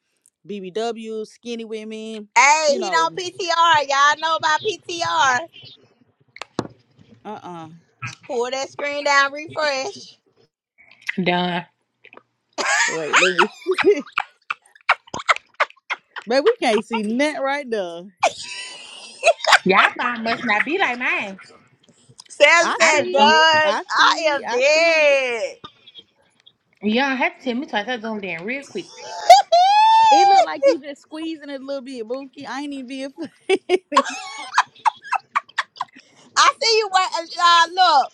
BBW, skinny women? hey, You he don't know, PTR. Y'all know about PTR. uh uh Pull that screen down, refresh. done. Wait, let me. but we can't see nothing right now. Y'all phone must not be like mine. Sam I I said, done see done. don't. it. I I see it. am I see it. dead. Y'all have to tell me twice. I zoomed in real quick. It look like you just squeezing it a little bit, Bookie. I ain't even being funny. I see you. Wait, uh, look,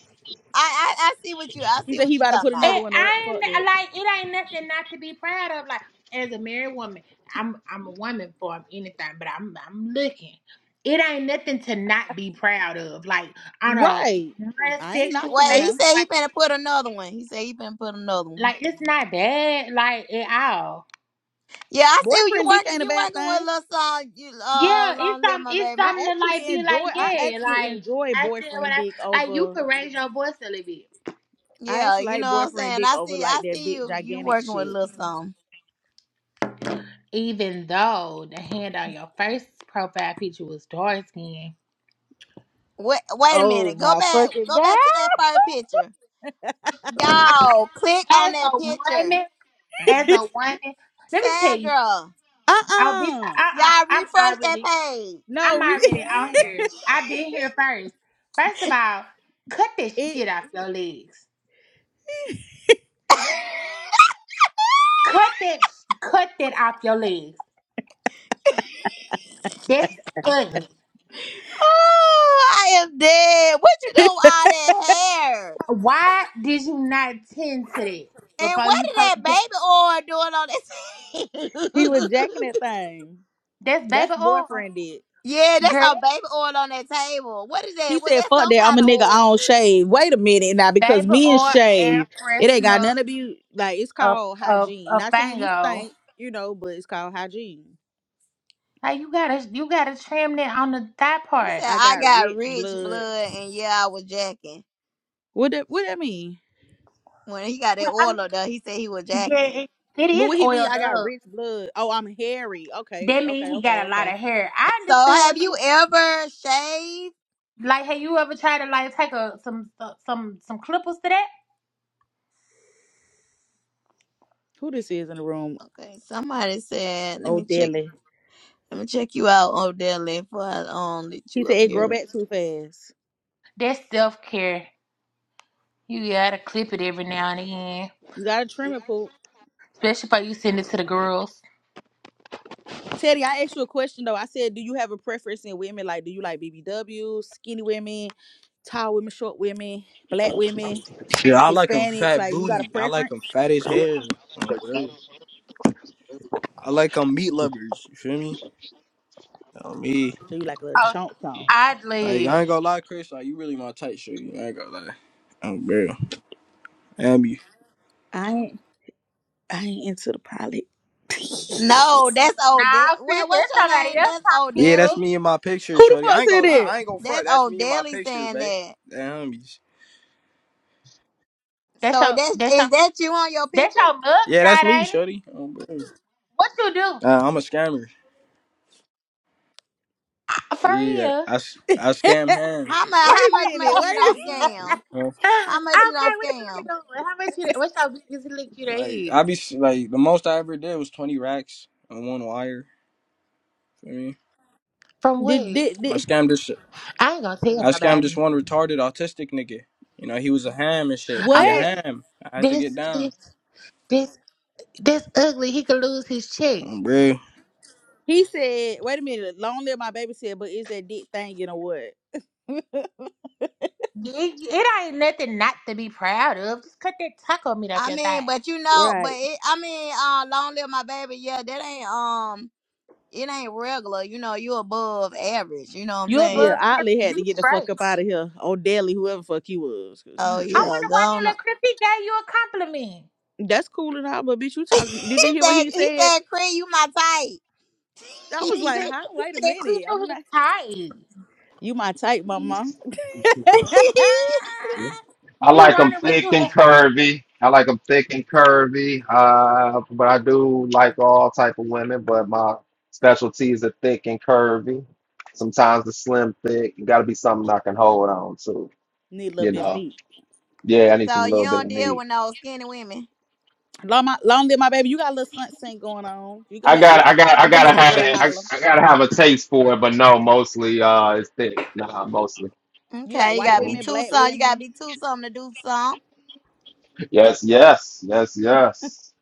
I, I I see what you. I he see said what he you about to talking put about. another It, one up. I Fuck ain't that. like it ain't nothing not to be proud of. Like as a married woman, I'm I'm a woman for anything, but I'm I'm looking. It ain't nothing to not be proud of. Like on a Right. non I ain't sexual knocking it Wait, he now. basis, said he like better put another one. He said he better put another one. like it's not bad, like at all. Yeah, I see you Boyfriend dick working. ain't a You bad working with a thing. little song. You uh, Yeah, it's long live some my it's baby. something I to like actually be enjoy. like, I yeah, actually like enjoy I said what boyfriend dick I like you over could raise your voice a little bit. I Yeah, actually you know like what I'm boyfriend saying. dick I over see. like I that see big you. You gigantic working with a shit. little song. Even though the hand on your first profile picture was dark skin. Wait, wait a Oh minute. Go my back. fucking Go god! back to that fire picture. Y'all, click on As that a picture. woman, as a woman, let me tell you, Sandra, Uh I'll be, uh uh-uh, y'all I'm refresh that already, page. I'm No, re- already on here. I've been here first. First of all, cut that it shit off your legs. Cut that, cut that off your legs. That's ugly. Oh, I am dead. What you doing with all that hair? Why did you not tend to that And before what you did post? that baby oil doing on that he was jacking table? that thing. That's baby That's oil, boyfriend dick. yeah, that's girl. some baby oil on that table. What is He that? Was said, that "Fuck some that, I'm kind a of nigga. I oil? don't shave." Wait a minute now, That because baby men oil, air shave. It ain't got freshener, none of you. like. It's a called a hygiene. a Not saying you fango. stink, you know, but it's called hygiene. Like you gotta, you gotta trim that on the thigh He said, part. I I got got rich rich blood. blood and yeah, I was jacking. What that what that mean? When he got that oil on there, he said he was Yeah, jacking. it, it But is what he mean? oiled I got up. rich blood. Oh, I'm hairy. Okay, That means okay, he okay, got a lot okay. of hair. I So understood have what you you ever shaved? like. Have you ever tried to like take a some some some clippers to that? Who this is in the room? Okay, somebody said, let Oh, me check. Dilly. Let me check you out, Odell, before I um let He you said up it grow here. back too fast. That's self care. You gotta clip it every now and again, You gotta trim it, poop. especially if you send it to the girls. Teddy, I asked you a question though. I said, do you have a preference in women? Like, do you like BBW, skinny women, tall women, short women, black women, Yeah, I like them Hispanics? fat Like, you got a booty. I like preference? them fat as hell. Like, Whatever. I like them meat lovers. You feel me? Oh, me. So you like a little Oh, chunk chunk. I'd Like leave. I ain't gonna lie, Chris. Like you really my type, shorty. I ain't gonna lie. Oh, bro. Am you? I ain't, I ain't into the pilot. No, that's Odell. Nah, Chris, What? that's What's your somebody name? else That's talking to you, Yeah, that's boo. Odell. me in my picture, Who the shorty. I fuck ain't said gonna lie. that? I ain't gonna front. That's That's me in my Odell picture, saying babe. that. Damn you. That's So your that's that's your is that you on your that's picture? your mug Yeah, that's shot, me, ain't it? shorty. Oh, bro. What you do Uh, I'm a scammer. for Yeah, real? I, s- I scam ham. How much? wait How a much minute. money you don't Wait. A scam? Huh? How okay, much you don't what you be scam? doing? How much you? What's your biggest lick you done Like hit? I be s- like the most I ever did was twenty racks on one wire. You feel me? From did, what? did I did scammed this. I ain't gonna tell I scammed this nobody. one retarded autistic nigga. You know, he was a ham and shit. He a Okay, what? so ham. I had to get this down. this this this ugly. He could lose his check. Bruh. He said. Wait a minute. Long live my baby said. But is that dick thing you know what? It, it ain't nothing not to be proud of. Just cut that taco meat off I your mean, thigh. but you know, Right. but it, I mean, uh, long live my baby. Yeah, that ain't um, it ain't regular. You know, you above average. You know what I'm You Yeah, above saying? average. Otley had You to get the straight. fuck up out of here on Daily, whoever fuck he was, cause he Oh was I yeah, wonder tripping. go why he on. let Chris. He gave you a compliment. That's cool and all, but bitch, you he talking? Did you hear what said, he he said? said, Chris, you my type. I was He like, said huh? he Wait a said Chris, minute. you I'm his not. tight. You my type, mama. Yeah. I He like them wanted what thick you had. and curvy. I like them thick and curvy. Uh, but I do like all type of women. But my specialties are thick and curvy. Sometimes the slim thick. You got to be something I can hold on to. Need a little You bit of know. meat. Yeah, I need some so you little bit don't of deal meat. with no skinny women. Long, my, long live my baby. You got a little something going on. You can I make a, got I got I you can gotta make a have girl it. I, holler. I gotta have a taste for it, but no, mostly uh it's thick. Nah, mostly. You like Okay, you white gotta hmm be women, too black some. You gotta women. be too something to do some. Yes, yes, yes, yes.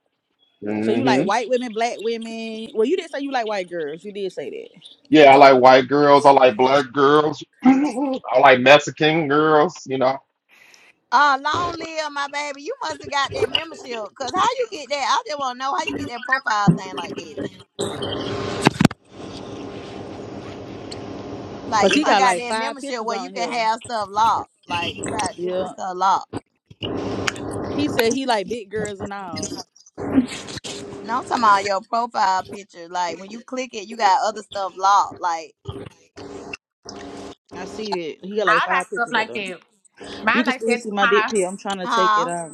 So you like hmm white women, black women. Well, you did say you like white girls. You did say that. Yeah, I like white girls, I like black girls, I like Mexican girls, you know. Uh, long live my baby. You must have got that membership. Cause how you get that? I just wanna know how you get that profile thing like that. Like Cause you he must got got like that five membership pictures where you on can here. have stuff locked. Like you got different Yeah, stuff locked. He said he like big girls and all. No, I'm talking about your profile picture. Like when you click it, you got other stuff locked. Like, I see it. He got like All that five stuff pictures of like them. that. You Mine can like still that too, see my dick my. pic. I'm trying to take it huh? out.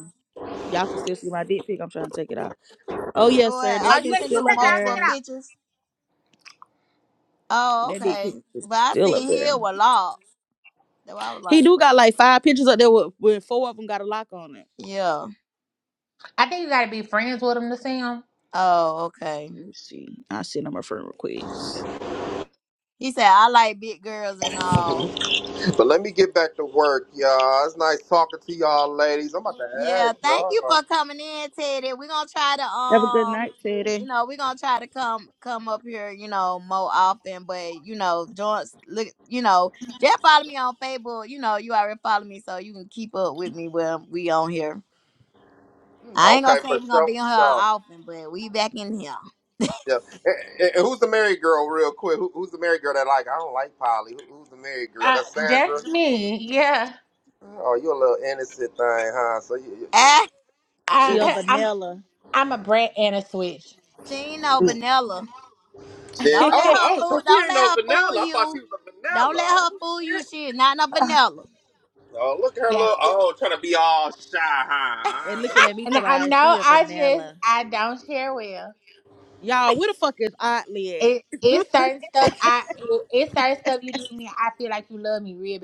Y'all can still see my dick pic. I'm trying to take it out. Oh Your yes, sir. That oh, Oh you yeah, shit's can you do still up take it out. Take multiple it there. out. pictures. Oh, That dick pic okay. is But I still up seen here a there. lot. So I was He like, do bro. got like five pictures up there with, with four of them got a lock on it. yeah. I think you gotta be friends with him to see him. Oh, okay. Let me see. I send him a friend request. He said I like big girls and all. But let me get back to work, y'all. It's nice talking to y'all, ladies. I'm about to add Yeah. Thank you y'all. for coming in, Teddy. We're gonna try to Have a good um, night, you Teddy. know, we're gonna try to come come up here, you know, more often. But you know, join look, you know, just follow me on Facebook. You know, you already follow me, so you can keep up with me when we on here. Mm, I ain't Okay, gonna say for we're gonna sure, be on for here sure. often, but we back in here. Yeah. And, and- and who's the married girl, real quick? Who, who's the married girl that like? I don't like Polly. Who, who's the married girl? Uh, That's that's Sandra. me. Yeah. Oh, you a little innocent thing, huh? So you, you, you, Ah, She a you. I, vanilla. I'm a brat and a switch. she ain't no vanilla. Shit. Don't let Oh, no, her oh, fool. so she Don't ain't let no her fool vanilla. I thought she you. was a Don't let vanilla. Oh her fool you. shit. She is not no vanilla. Oh, look at her Yeah. little. Oh, trying to be all shy, and huh? Uh-huh. looking at me And to my I know eyes, she a I just vanilla. I don't share well. Y'all, where the fuck is Otley at? It it's certain stuff I it, it's certain stuff you do to me. I feel like you love me real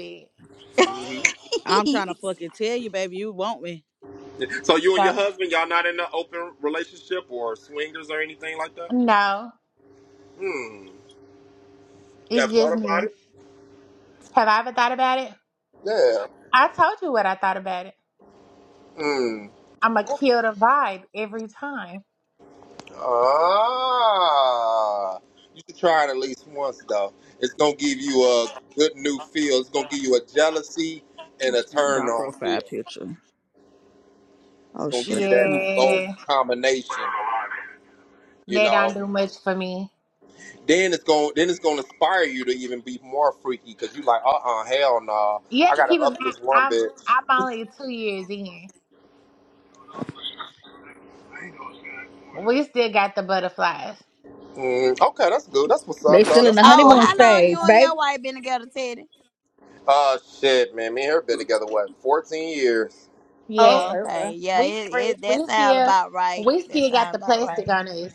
hmm I'm trying to fucking tell you, baby. You want me. So you and bad. your So husband, y'all not in an open relationship or swingers or anything like that? no, Hmm. You it's ever just thought about me. it? Have I ever thought about it? Yeah. I told you what I thought about it. Hmm. I'ma kill the vibe every time. Ah, you should try it at least once though. It's gonna give you a good new feel. It's gonna give you a jealousy You and a changed turn my on profile feel. picture. It's Oh gonna shit. give you I that can't. both Yeah, combination, you that don't know. do much for me. Then it's gonna then it's gonna inspire you to even be more freaky because you like, uh uh hell no, You I have to gotta keep in up mind this one I'm bitch. I'm only two years in. We still got the butterflies. Mm, okay, that's good. That's what's They up though. still in That's the what's Oh, up. honeymoon how long stage, you and your baby. wife been together, Teddy? Uh shit, man. Me and her been together what, fourteen years? Oh, Yeah. okay, okay. Okay, yeah, We it, fresh. it that We sound still about right. we That still got sound the about plastic right. on us.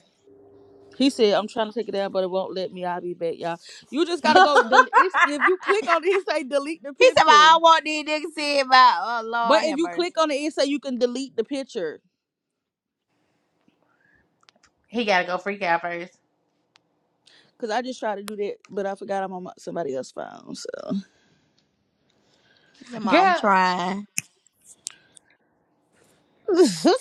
He said, "I'm trying to take it down, but it won't let me. I'll be back, y'all. You just gotta go. Del- it's, if you click on it, it say delete the He said, "Well, "I picture. don't want these niggas see about." Oh But Lord, if have you mercy. click on it, it say you can delete the picture. he gotta go freak out first. Cause I just tried to do that, but I forgot I'm on my, somebody else's phone. He said, "Ma, "I'm Girl, trying. So,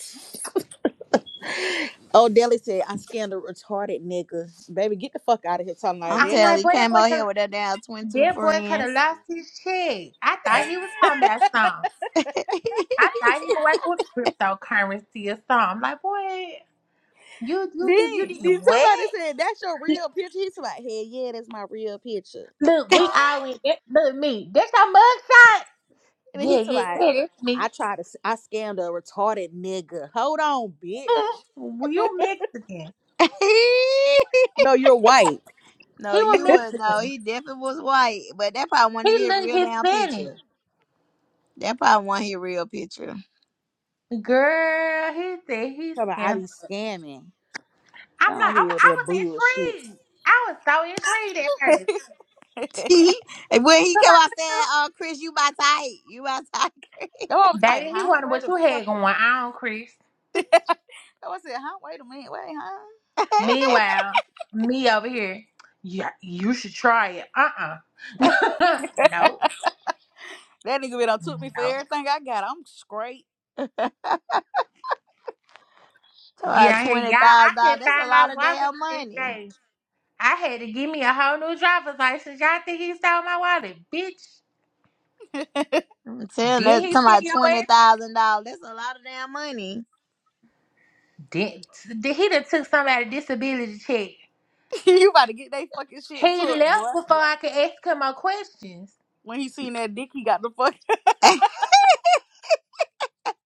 oh, Deli said I scanned a retarded nigga. Baby, get the fuck out of here, talking like I'm I'm telling like, you, he boy, that came boy out here with could that damn twenty two that boy could have friends." lost his check. I thought he was talking that. about something. I thought he was working with cryptocurrency or something. I'm like, boy, you you Then, you, you did then somebody what? said, That's your real picture. He's like, Hey, yeah, that's my real picture. Look, we all went that, look me. That's your mugshot. And then Yeah, he's yeah, like, yeah, that's I me. tried to, s- I scammed a retarded nigga. Hold on, bitch. well, you Mexican. No, you're white. No, He was you would no, Mexican. he definitely was white, but that probably wasn't He even his looked real damn Hispanic. picture. That probably wasn't his real picture. Girl, he said he Talking about, I be scammed. scamming. Go I'm on like, here okay, with I that bullshit. was intrigued. I was so intrigued at first. And when he I was came like, out what saying, you? "Oh, Chris, you my type, you my type," Yo, I was like, Baby, he Huh? wondered Wait what a you had going fucking. on, Chris. Yo, I said, Huh? Wait a minute. Wait, huh? Meanwhile, me over here, yeah, you should try it. Uh-uh. no, that nigga been done took me for no. everything I got. I'm straight. Get about out here. twenty Y'all, I thousand dollars. couldn't That's a find lot my of wallet damn the next money. day. I had to give me a whole new driver's license. Y'all think he stole my wallet? Bitch, I'm telling that did he Talking tell about your twenty ass? thousand dollars. That's a lot of damn money. Did, did he done took somebody disability check? you about to get that fucking shit He took, left boy. before I could ask him my questions. When he seen that dick, he got the fuck.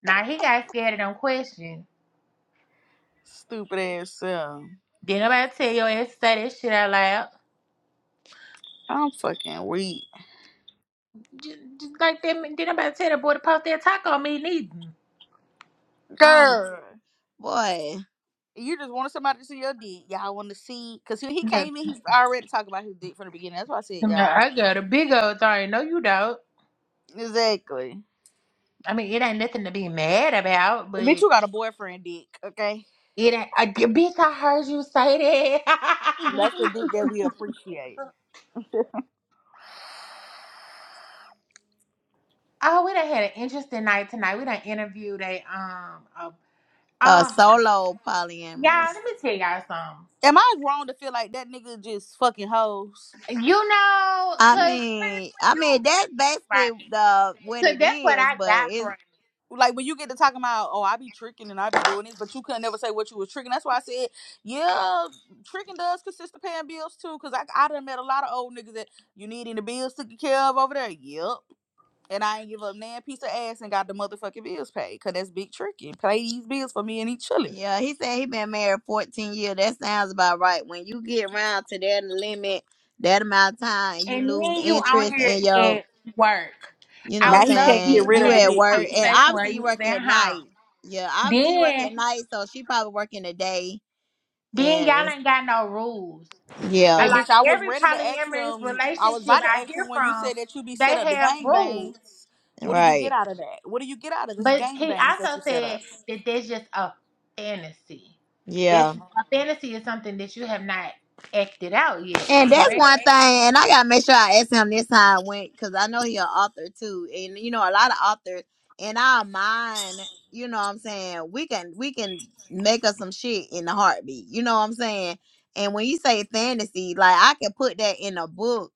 Now he got scared of them questions. Stupid ass self. Did nobody tell your ass to say that shit out loud? I'm fucking weak. Just, just like that, did nobody tell the boy to post that taco on me neither? um, Girl, boy, you just wanted somebody to see your dick. Y'all want to see. Because he he came in, He's already talked about his dick from the beginning. That's why I said, Yeah, y'all. I got a big old thing. No, you don't. Exactly. I mean, it ain't nothing to be mad about, but Bitch, it you got a boyfriend dick, okay? ain't. I, bitch, I heard you say that. That's the dick that we appreciate. oh, we done had an interesting night tonight. We done interviewed a um a, a um solo polyamorous. y'all. Let me tell y'all something. Am I wrong to feel like that nigga just fucking hoes? You know, I cause mean, when I mean you that's write, you basically the what write. Cause it that's what is, I but got from it's it. like when you get to talking about oh I be tricking and I be doing this, but you couldn't never say what you was tricking. That's why I said yeah, tricking does consist of paying bills too. Cause I I done met a lot of old niggas that you need any bills to get care of over there. Yep. And I ain't give up nan piece of ass and got the motherfucking bills paid. Cause that's big tricking. Pay these bills for me and he chilling. Yeah, he said he been married 14 years. That sounds about right. When you get around to that limit, that amount of time, you And lose then you out interest here in your, at work. you know what I I'm Now would he love for can't get you saying, rid to you of the have at this dick work. And picture. conversation where obviously you you was work at at night. home. Yeah, obviously you work Then, at night, so she probably working the day. then And y'all it's- ain't got no rules. I yeah, And like bitch, I was every ready to ask polyamorous him. I was relationship about to I ask hear him when you from, said that you be they set up the have gang bang. rules. What do you get right. out of that? What do you get out of this But gang he bangs that you also set up? said that that's just a fantasy. Yeah. That's a fantasy is something that you have not acted out yet, And that's correct? one thing, and I gotta make sure I ask him this time when, because I know he an author too, and you know a lot of authors in our mind, you know what I'm saying we can we can make us some shit in the heartbeat, you know what I'm saying. And when you say fantasy, like I can put that in a book,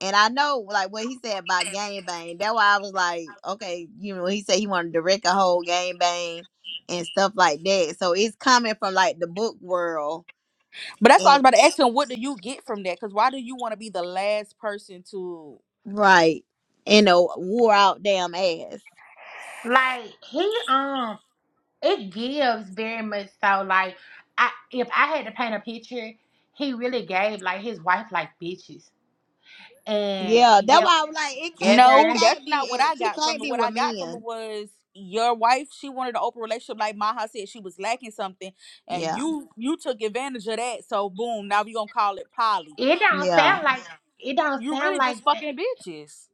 and I know like what he said about game bang. That's why I was like, okay, you know he said he wanted to direct a whole game bang and stuff like that. So it's coming from like the book world But that's why I was about to ask him, what do you get from that? Because why do you want to be the last person to? Right. And a wore out damn ass. Like he um it gives very much so like I if I had to paint a picture, he really gave like his wife like bitches. And Yeah, that's yeah, why I was like, it can't. She No, together. can't that's not be. what eh, I She got from can't it. be What with I got from it men. was your wife. She wanted an open relationship, like Maha said, she was lacking something, and Yeah, you you took advantage of that. So boom, now we gonna call it poly. It But don't yeah, you sound like it don't you sound really like just that. fucking bitches.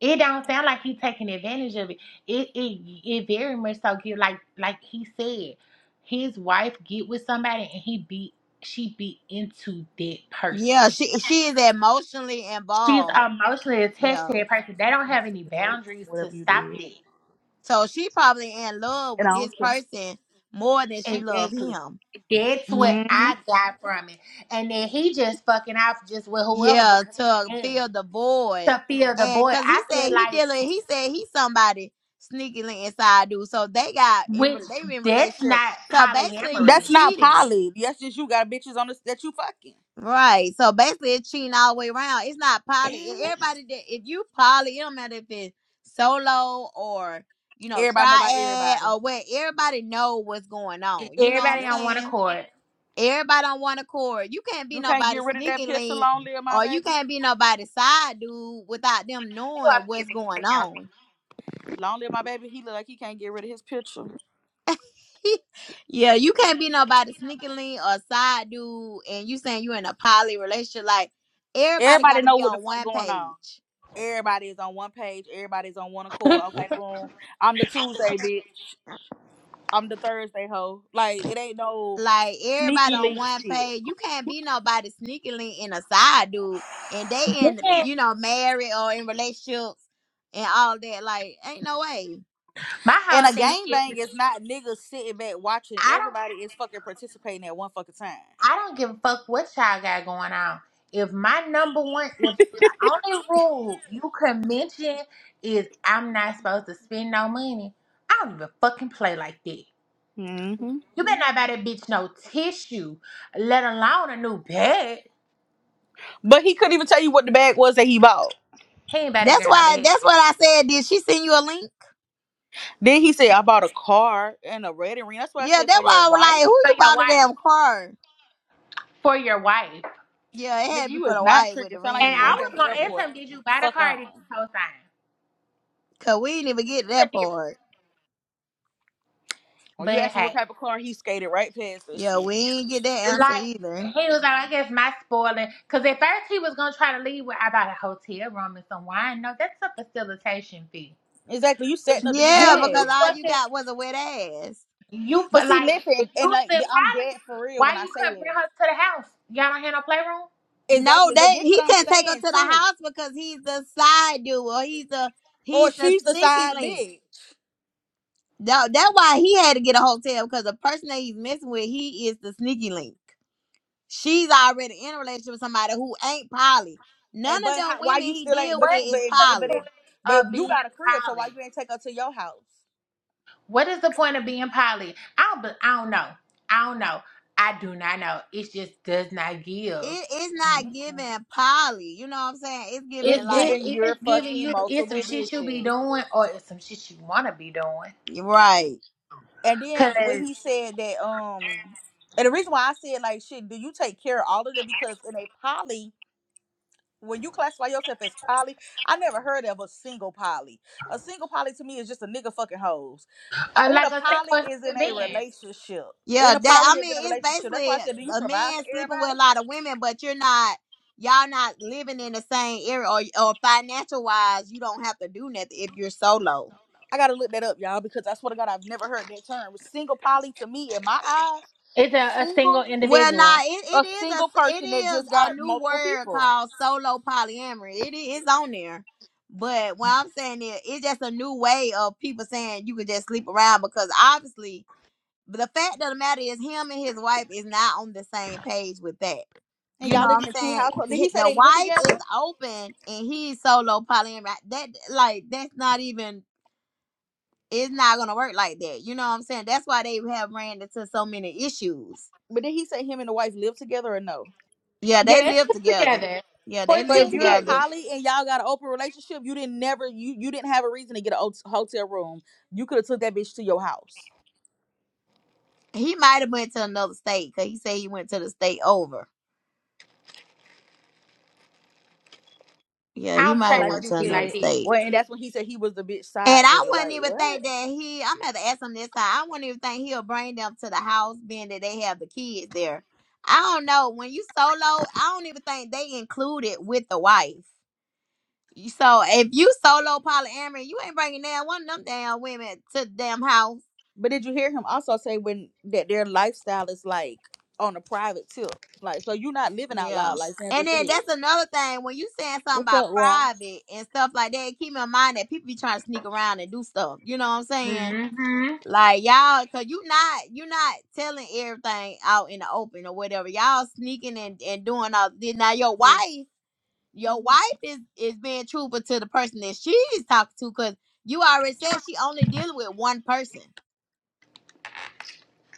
It don't sound like he taking advantage of it. It it it very much so give like like he said, his wife get with somebody and he be she be into that person. yeah. She she is emotionally She's involved. emotionally attached Yeah, to that That's person. They don't why have any it hurt, boundaries to Whatever you stop did, that. so she probably in love and I with this don't care. person more than she love Exactly. him. That's what hmm I got from it. And then he just fucking off just with whoever Yeah, because he to can fill the void, to feel the and boy. cause I he said feel he like dealing. He said he's somebody sneakily inside dude. So they got in. which re- They in that's relationship. not So basically, you polyamory. That's not cheating. poly. That's just you got bitches on this that you fucking. Right. So basically, it's cheating all the way around. It's not poly. E- Everybody that if you poly, it don't matter if it's solo or you know Everybody know about triad everybody. or what. Everybody know what's going on. You know what I'm Everybody Yep. on one saying? accord. Everybody on one accord. You can't be You can't get nobody rid of that sneaking picture. link Long live my or you baby. can't be nobody side dude without them Who knowing up here what's going being female? on. Long live my baby. He look like he can't get rid of his picture. yeah, you can't be nobody sneaking link or side dude, and you saying you in a poly relationship. Like everybody got Everybody to know be what the on fuck one going on. page. Everybody is on one page. Everybody's on one accord. Okay, boom. I'm the Tuesday bitch. I'm the Thursday hoe. Like it ain't no like everybody sneaky on link one shit. page. You can't be nobody sneakily in a side dude, and they in Then you know married or in relationships and all that. Like, ain't no way. my And whole a thing is gangbang is not niggas sitting back watching. I don't. Everybody is fucking participating at one fucking time. I don't give a fuck what y'all got going on. If my number one, if the only rule you can mention is I'm not supposed to spend no money, I don't even fucking play like that. hmm You better not buy that bitch no tissue, let alone a new bed. But he couldn't even tell you what the bag was that he bought. He ain't buy that That's girl no why. bed. That's what I said. Did she send you a link? Then he said, "I bought a car and a red ring." That's what I Yeah, said for that's your why I was wife. like, who For you your bought the wife. damn car? For your wife. Yeah, it Nigga, had to be you for is the not wife tricked. with It the sound like And you I work ring. at was the gonna ask airport. him, did you buy the Fuck car or on. did you co-sign? Cause we didn't even get It's a that difference. part. When you But ask him hey. what type of car, he skated right past that Yeah, shit. we ain't get that answer Like either. he was like, I guess my spoiling, because at first he was gonna try to leave with I bought a hotel room and some wine. No, that's a facilitation fee. Exactly. You setting up to get the You Yeah, because you ass. all you fucking got was a wet ass. you for But see, like if you listen, and was like in I'm dead college, for real why when I you say couldn't this. bring her to the house? Y'all don't have no playroom. No, Exactly. But that this he what I'm couldn't take her saying to the too. house because he's the side dude or he's the Or he's the she's the sneaky side link. bitch. No, that's why he had to get a hotel because the person that he's messing with, he is the sneaky link. She's already in a relationship with somebody who ain't Polly. And None of but them how, why women you he still ain't? deal But with What you but is is the if, but Polly. it point but of you being got a crib, so why poly? you ain't take her to your house? What is the point of being poly? I don't, be- I don't know. I don't know. I do not know. It just does not give. It is not giving Polly. You know what I'm saying? It's giving It's It like giving it your is giving fucking you it's some multiple shit you be bitches. doing or it's some shit you wanna be doing. right. And Cause then when he said that, um, and the reason why I said like, shit, do you take care of all of them? Because in a poly, when you classify yourself as poly, I never heard of a single poly. A single poly to me is just a nigga fucking hoes. uh, In like a a poly single is human in a being, relationship. Yeah, In a that poly I is in a mean, it's relationship. That's why basically I said, do you a provide for man sleeping with a everybody? lot of women, but you're not, y'all not living in the same area, or, or financial wise, you don't have to do nothing if you're solo. I gotta look that up, y'all, because I swear to God, I've never heard that term. Single poly to me, in my eyes, it's a, a single, single Well, nah, individual. it, it a is single a it person that is just a got new multiple word people. called solo polyamory. It is on there, but what I'm saying is, it's just a new way of people saying you can just sleep around because obviously the fact of the matter is, him and his wife is not on the same page with that And You y'all know live what in I'm a two saying? household. Did Hi- he say The they live wife is together? open and he's solo polyamorous. That like that's not even it's not gonna work like that. You know what I'm saying? That's why they have ran into so many issues. But did he say him and the wife live together or no? Yeah, they Get it live together. together. Yeah, they So live if Fourteen you're a years. together. poly and y'all got an open relationship, you didn't never you you didn't have a reason to get a hot- hotel room. You could have took that bitch to your house. He might have went to another state because he said he went to the state over. Yeah, he I don't might And have play like no went you to shit another like said, this. state. well, and that's when he said he was the bitch And side I nigga. wouldn't Like even what? think that he, I'm gonna have to ask him this time. I wouldn't even think he'll bring them to the house, being that they have the kids there. I don't know. When you solo, I don't even think they include it with the wife. You- So if you solo polyamory, you ain't bringing down one of them damn women to the damn house. But did you hear him also say when that their lifestyle is like on a private tip? Like so you're not living out Yeah. loud like Sandra And then said. that's another thing when you saying something What's about up, Rye? private and stuff like that. Keep in mind that people be trying to sneak around and do stuff. You know what I'm saying? Mm-hmm. Like y'all, cause you not you not telling everything out in the open or whatever. Y'all sneaking and, and doing all then now your wife, your wife is is being truthful to the person that she's talking to, cause you already said she only dealing with one person.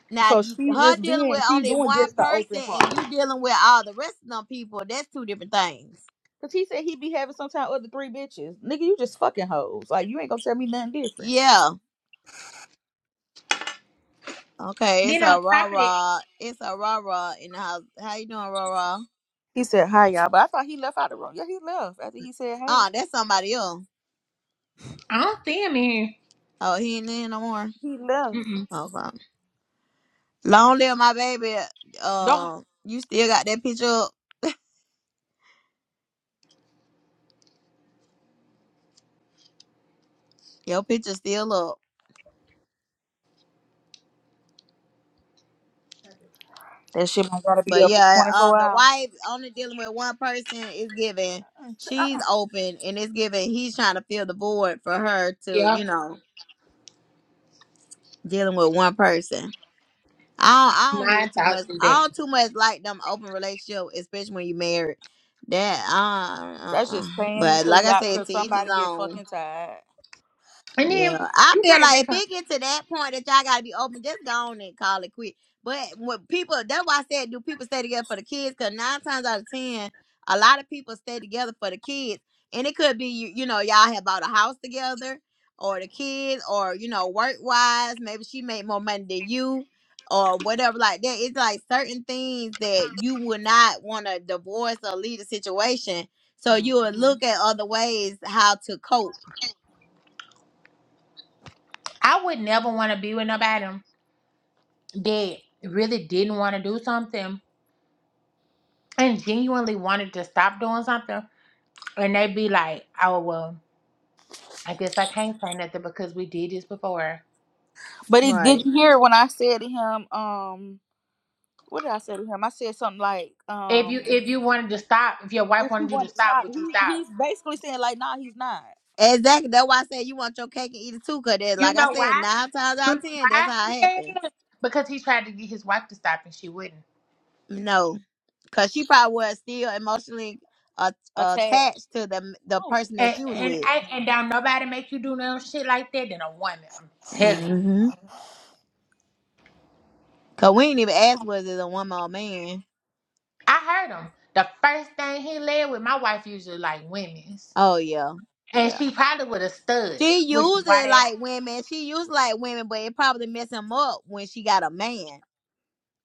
Now So d- she's her just dealing with being she's only doing one just the open person part. and you dealing with all the rest of them people, that's two different things. Cause he said he be having sometime other three bitches. Nigga, you just fucking hoes. Like you ain't gonna tell me nothing different. Yeah. Okay, it's Then on a rah top of it, rah. It's a rah rah in the house. How you doing, rah rah? He said hi y'all, but I thought he left out the room. Yeah, he left after he said hey. Oh, that's somebody else. I don't see him in Oh, he ain't in no more. He left. here. Mm-mm. Okay. Long live my baby. Don't Um, you still got that picture up. Your picture still up. that shit don't gotta be But up for yeah, twenty um, four the hours. wife only dealing with one person is giving. She's open and it's giving. He's trying to fill the void for her to, you Yep, know, dealing with one person. I don't, I don't my even too much. thoughts is I that. don't too much like them open relationship, especially when you married. That uh, uh, That's uh. just paying but until like I y'all said, till to each his somebody get own. fucking tired. And then Yeah, I you feel can't like if reconcile. it get to that point that y'all gotta be open, just go on and call it quit. But when people, that's why I said, do people stay together for the kids? Because nine times out of ten, a lot of people stay together for the kids, and it could be you, you know, y'all have bought a house together, or the kids, or you know, work wise, maybe she made more money than you, or whatever like that. It's like certain things that you would not want to divorce or leave the situation, so you would hmm look at other ways how to cope. I would never want to be with nobody that really didn't want to do something and genuinely wanted to stop doing something and they be like, "Oh well, I guess I can't say nothing because we did this before." But it Right. did you hear when I said to him, um, what did I say to him? I said something like, If you um, if you wanted to stop, if your wife if he wanted you to wanted to stop, stop, would you he stop? he's basically saying like, nah, he's not Exactly. That's why I said you want your cake and eat it too. Cause that, You like I know said, why? nine times out You of know ten, that's why how he it said happens. it? Because he tried to get his wife to stop and she wouldn't. No, cause she probably was still emotionally uh, attacked. attached to the the Oh. person that And she was and with. I, and don't nobody make you do no shit like that than a woman. I'm telling you. hmm Cause we didn't even ask was it a woman or man. I heard him. The first thing he led with, my wife usually like women's, Oh yeah, and yeah. she probably with a stud, She which is used why it they like women. She used like women, but it probably messed him up when she got a man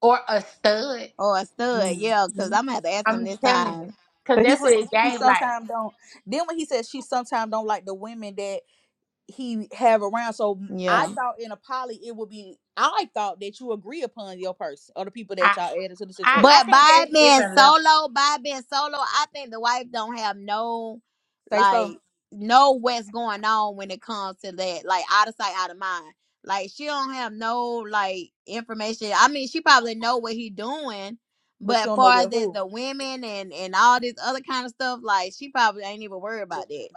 or a stud. or a stud. Yeah, cause I'm gonna have to ask him I'm this telling you, time. because Cause he that's what said it she gave like. sometimes don't. Then when he said she sometimes don't like the women that he have around, so I Yeah. thought in a poly it would be. I thought that you agree upon your person or the people I, that y'all added to the I situation. I But think by that's it being different level. solo, by it being solo, I think the wife don't have no Say so, like know what's going on when it comes to that. Like out of sight, out of mind. Like she don't have no like information. I mean, she probably know what he doing, but she but don't know far where as there's who. the women and and all this other kind of stuff, like she probably ain't even worried about that.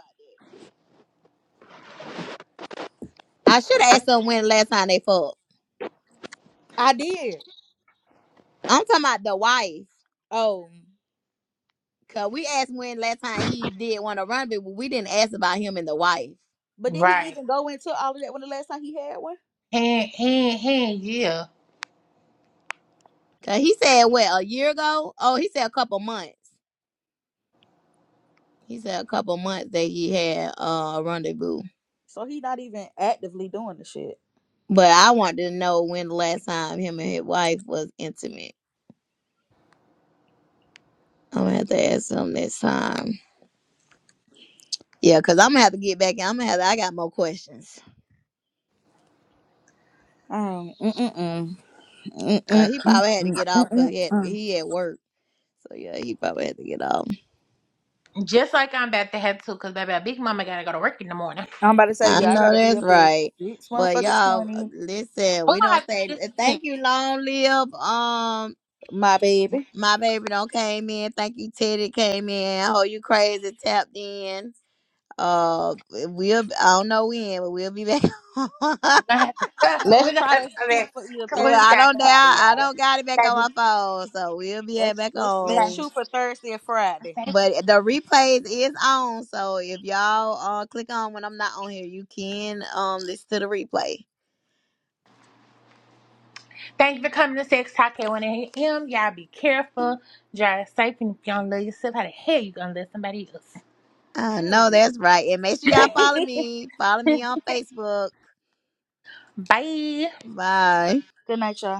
I should have asked them when last time they fucked. I did. I'm talking about the wife, Oh, cause we asked when last time he did want to run, but we didn't ask about him and the wife. but did he Right. even go into all of that when the last time he had one? And and and yeah. 'Cause he said what a year ago. Oh, he said a couple months. He said a couple months that he had uh, a rendezvous. So he not even actively doing the shit. But I wanted to know when the last time him and his wife was intimate. I'm gonna have to ask him next time. Yeah, cause I'm gonna have to get back. I'm gonna have. To, I got more questions. Um, mm mm mm mm mm So he mm probably had to mm get off mm. because mm. he had mm. he at work. So yeah, he probably had to get off. Just like I'm about to have to, cause baby, Big Mama gotta go to work in the morning. I'm about to say, I yeah, I know gotta be that's up at right. six But motherfucking y'all, twenty. listen, We're we gonna have don't to do say this again. thank you, long live. um. my baby. My baby don't came in. Thank you, Teddy came in. Oh, you crazy tapped in. Uh, we'll I don't know when, but we'll be back. Look, We're gonna have to. we're Let's gonna try have to to do that. shoot for either Cause we just I Thursday got don't or doubt Friday, questions, I y'all. don't got it back on baby. my phone, so we'll be at- Let's back let's let's baby. on. shoot for Thursday or Friday. Thank you But the replays is on, so if y'all uh click on when I'm not on here, you can um listen to the replay. Thank you for coming to Sex Talk at 1 a.m. Y'all be careful. Drive safe, and if you don't love yourself, how the hell you gonna love somebody I know Period. that's right, and make sure y'all follow else? me. Follow me on Facebook. Bye. Bye. Good night, y'all.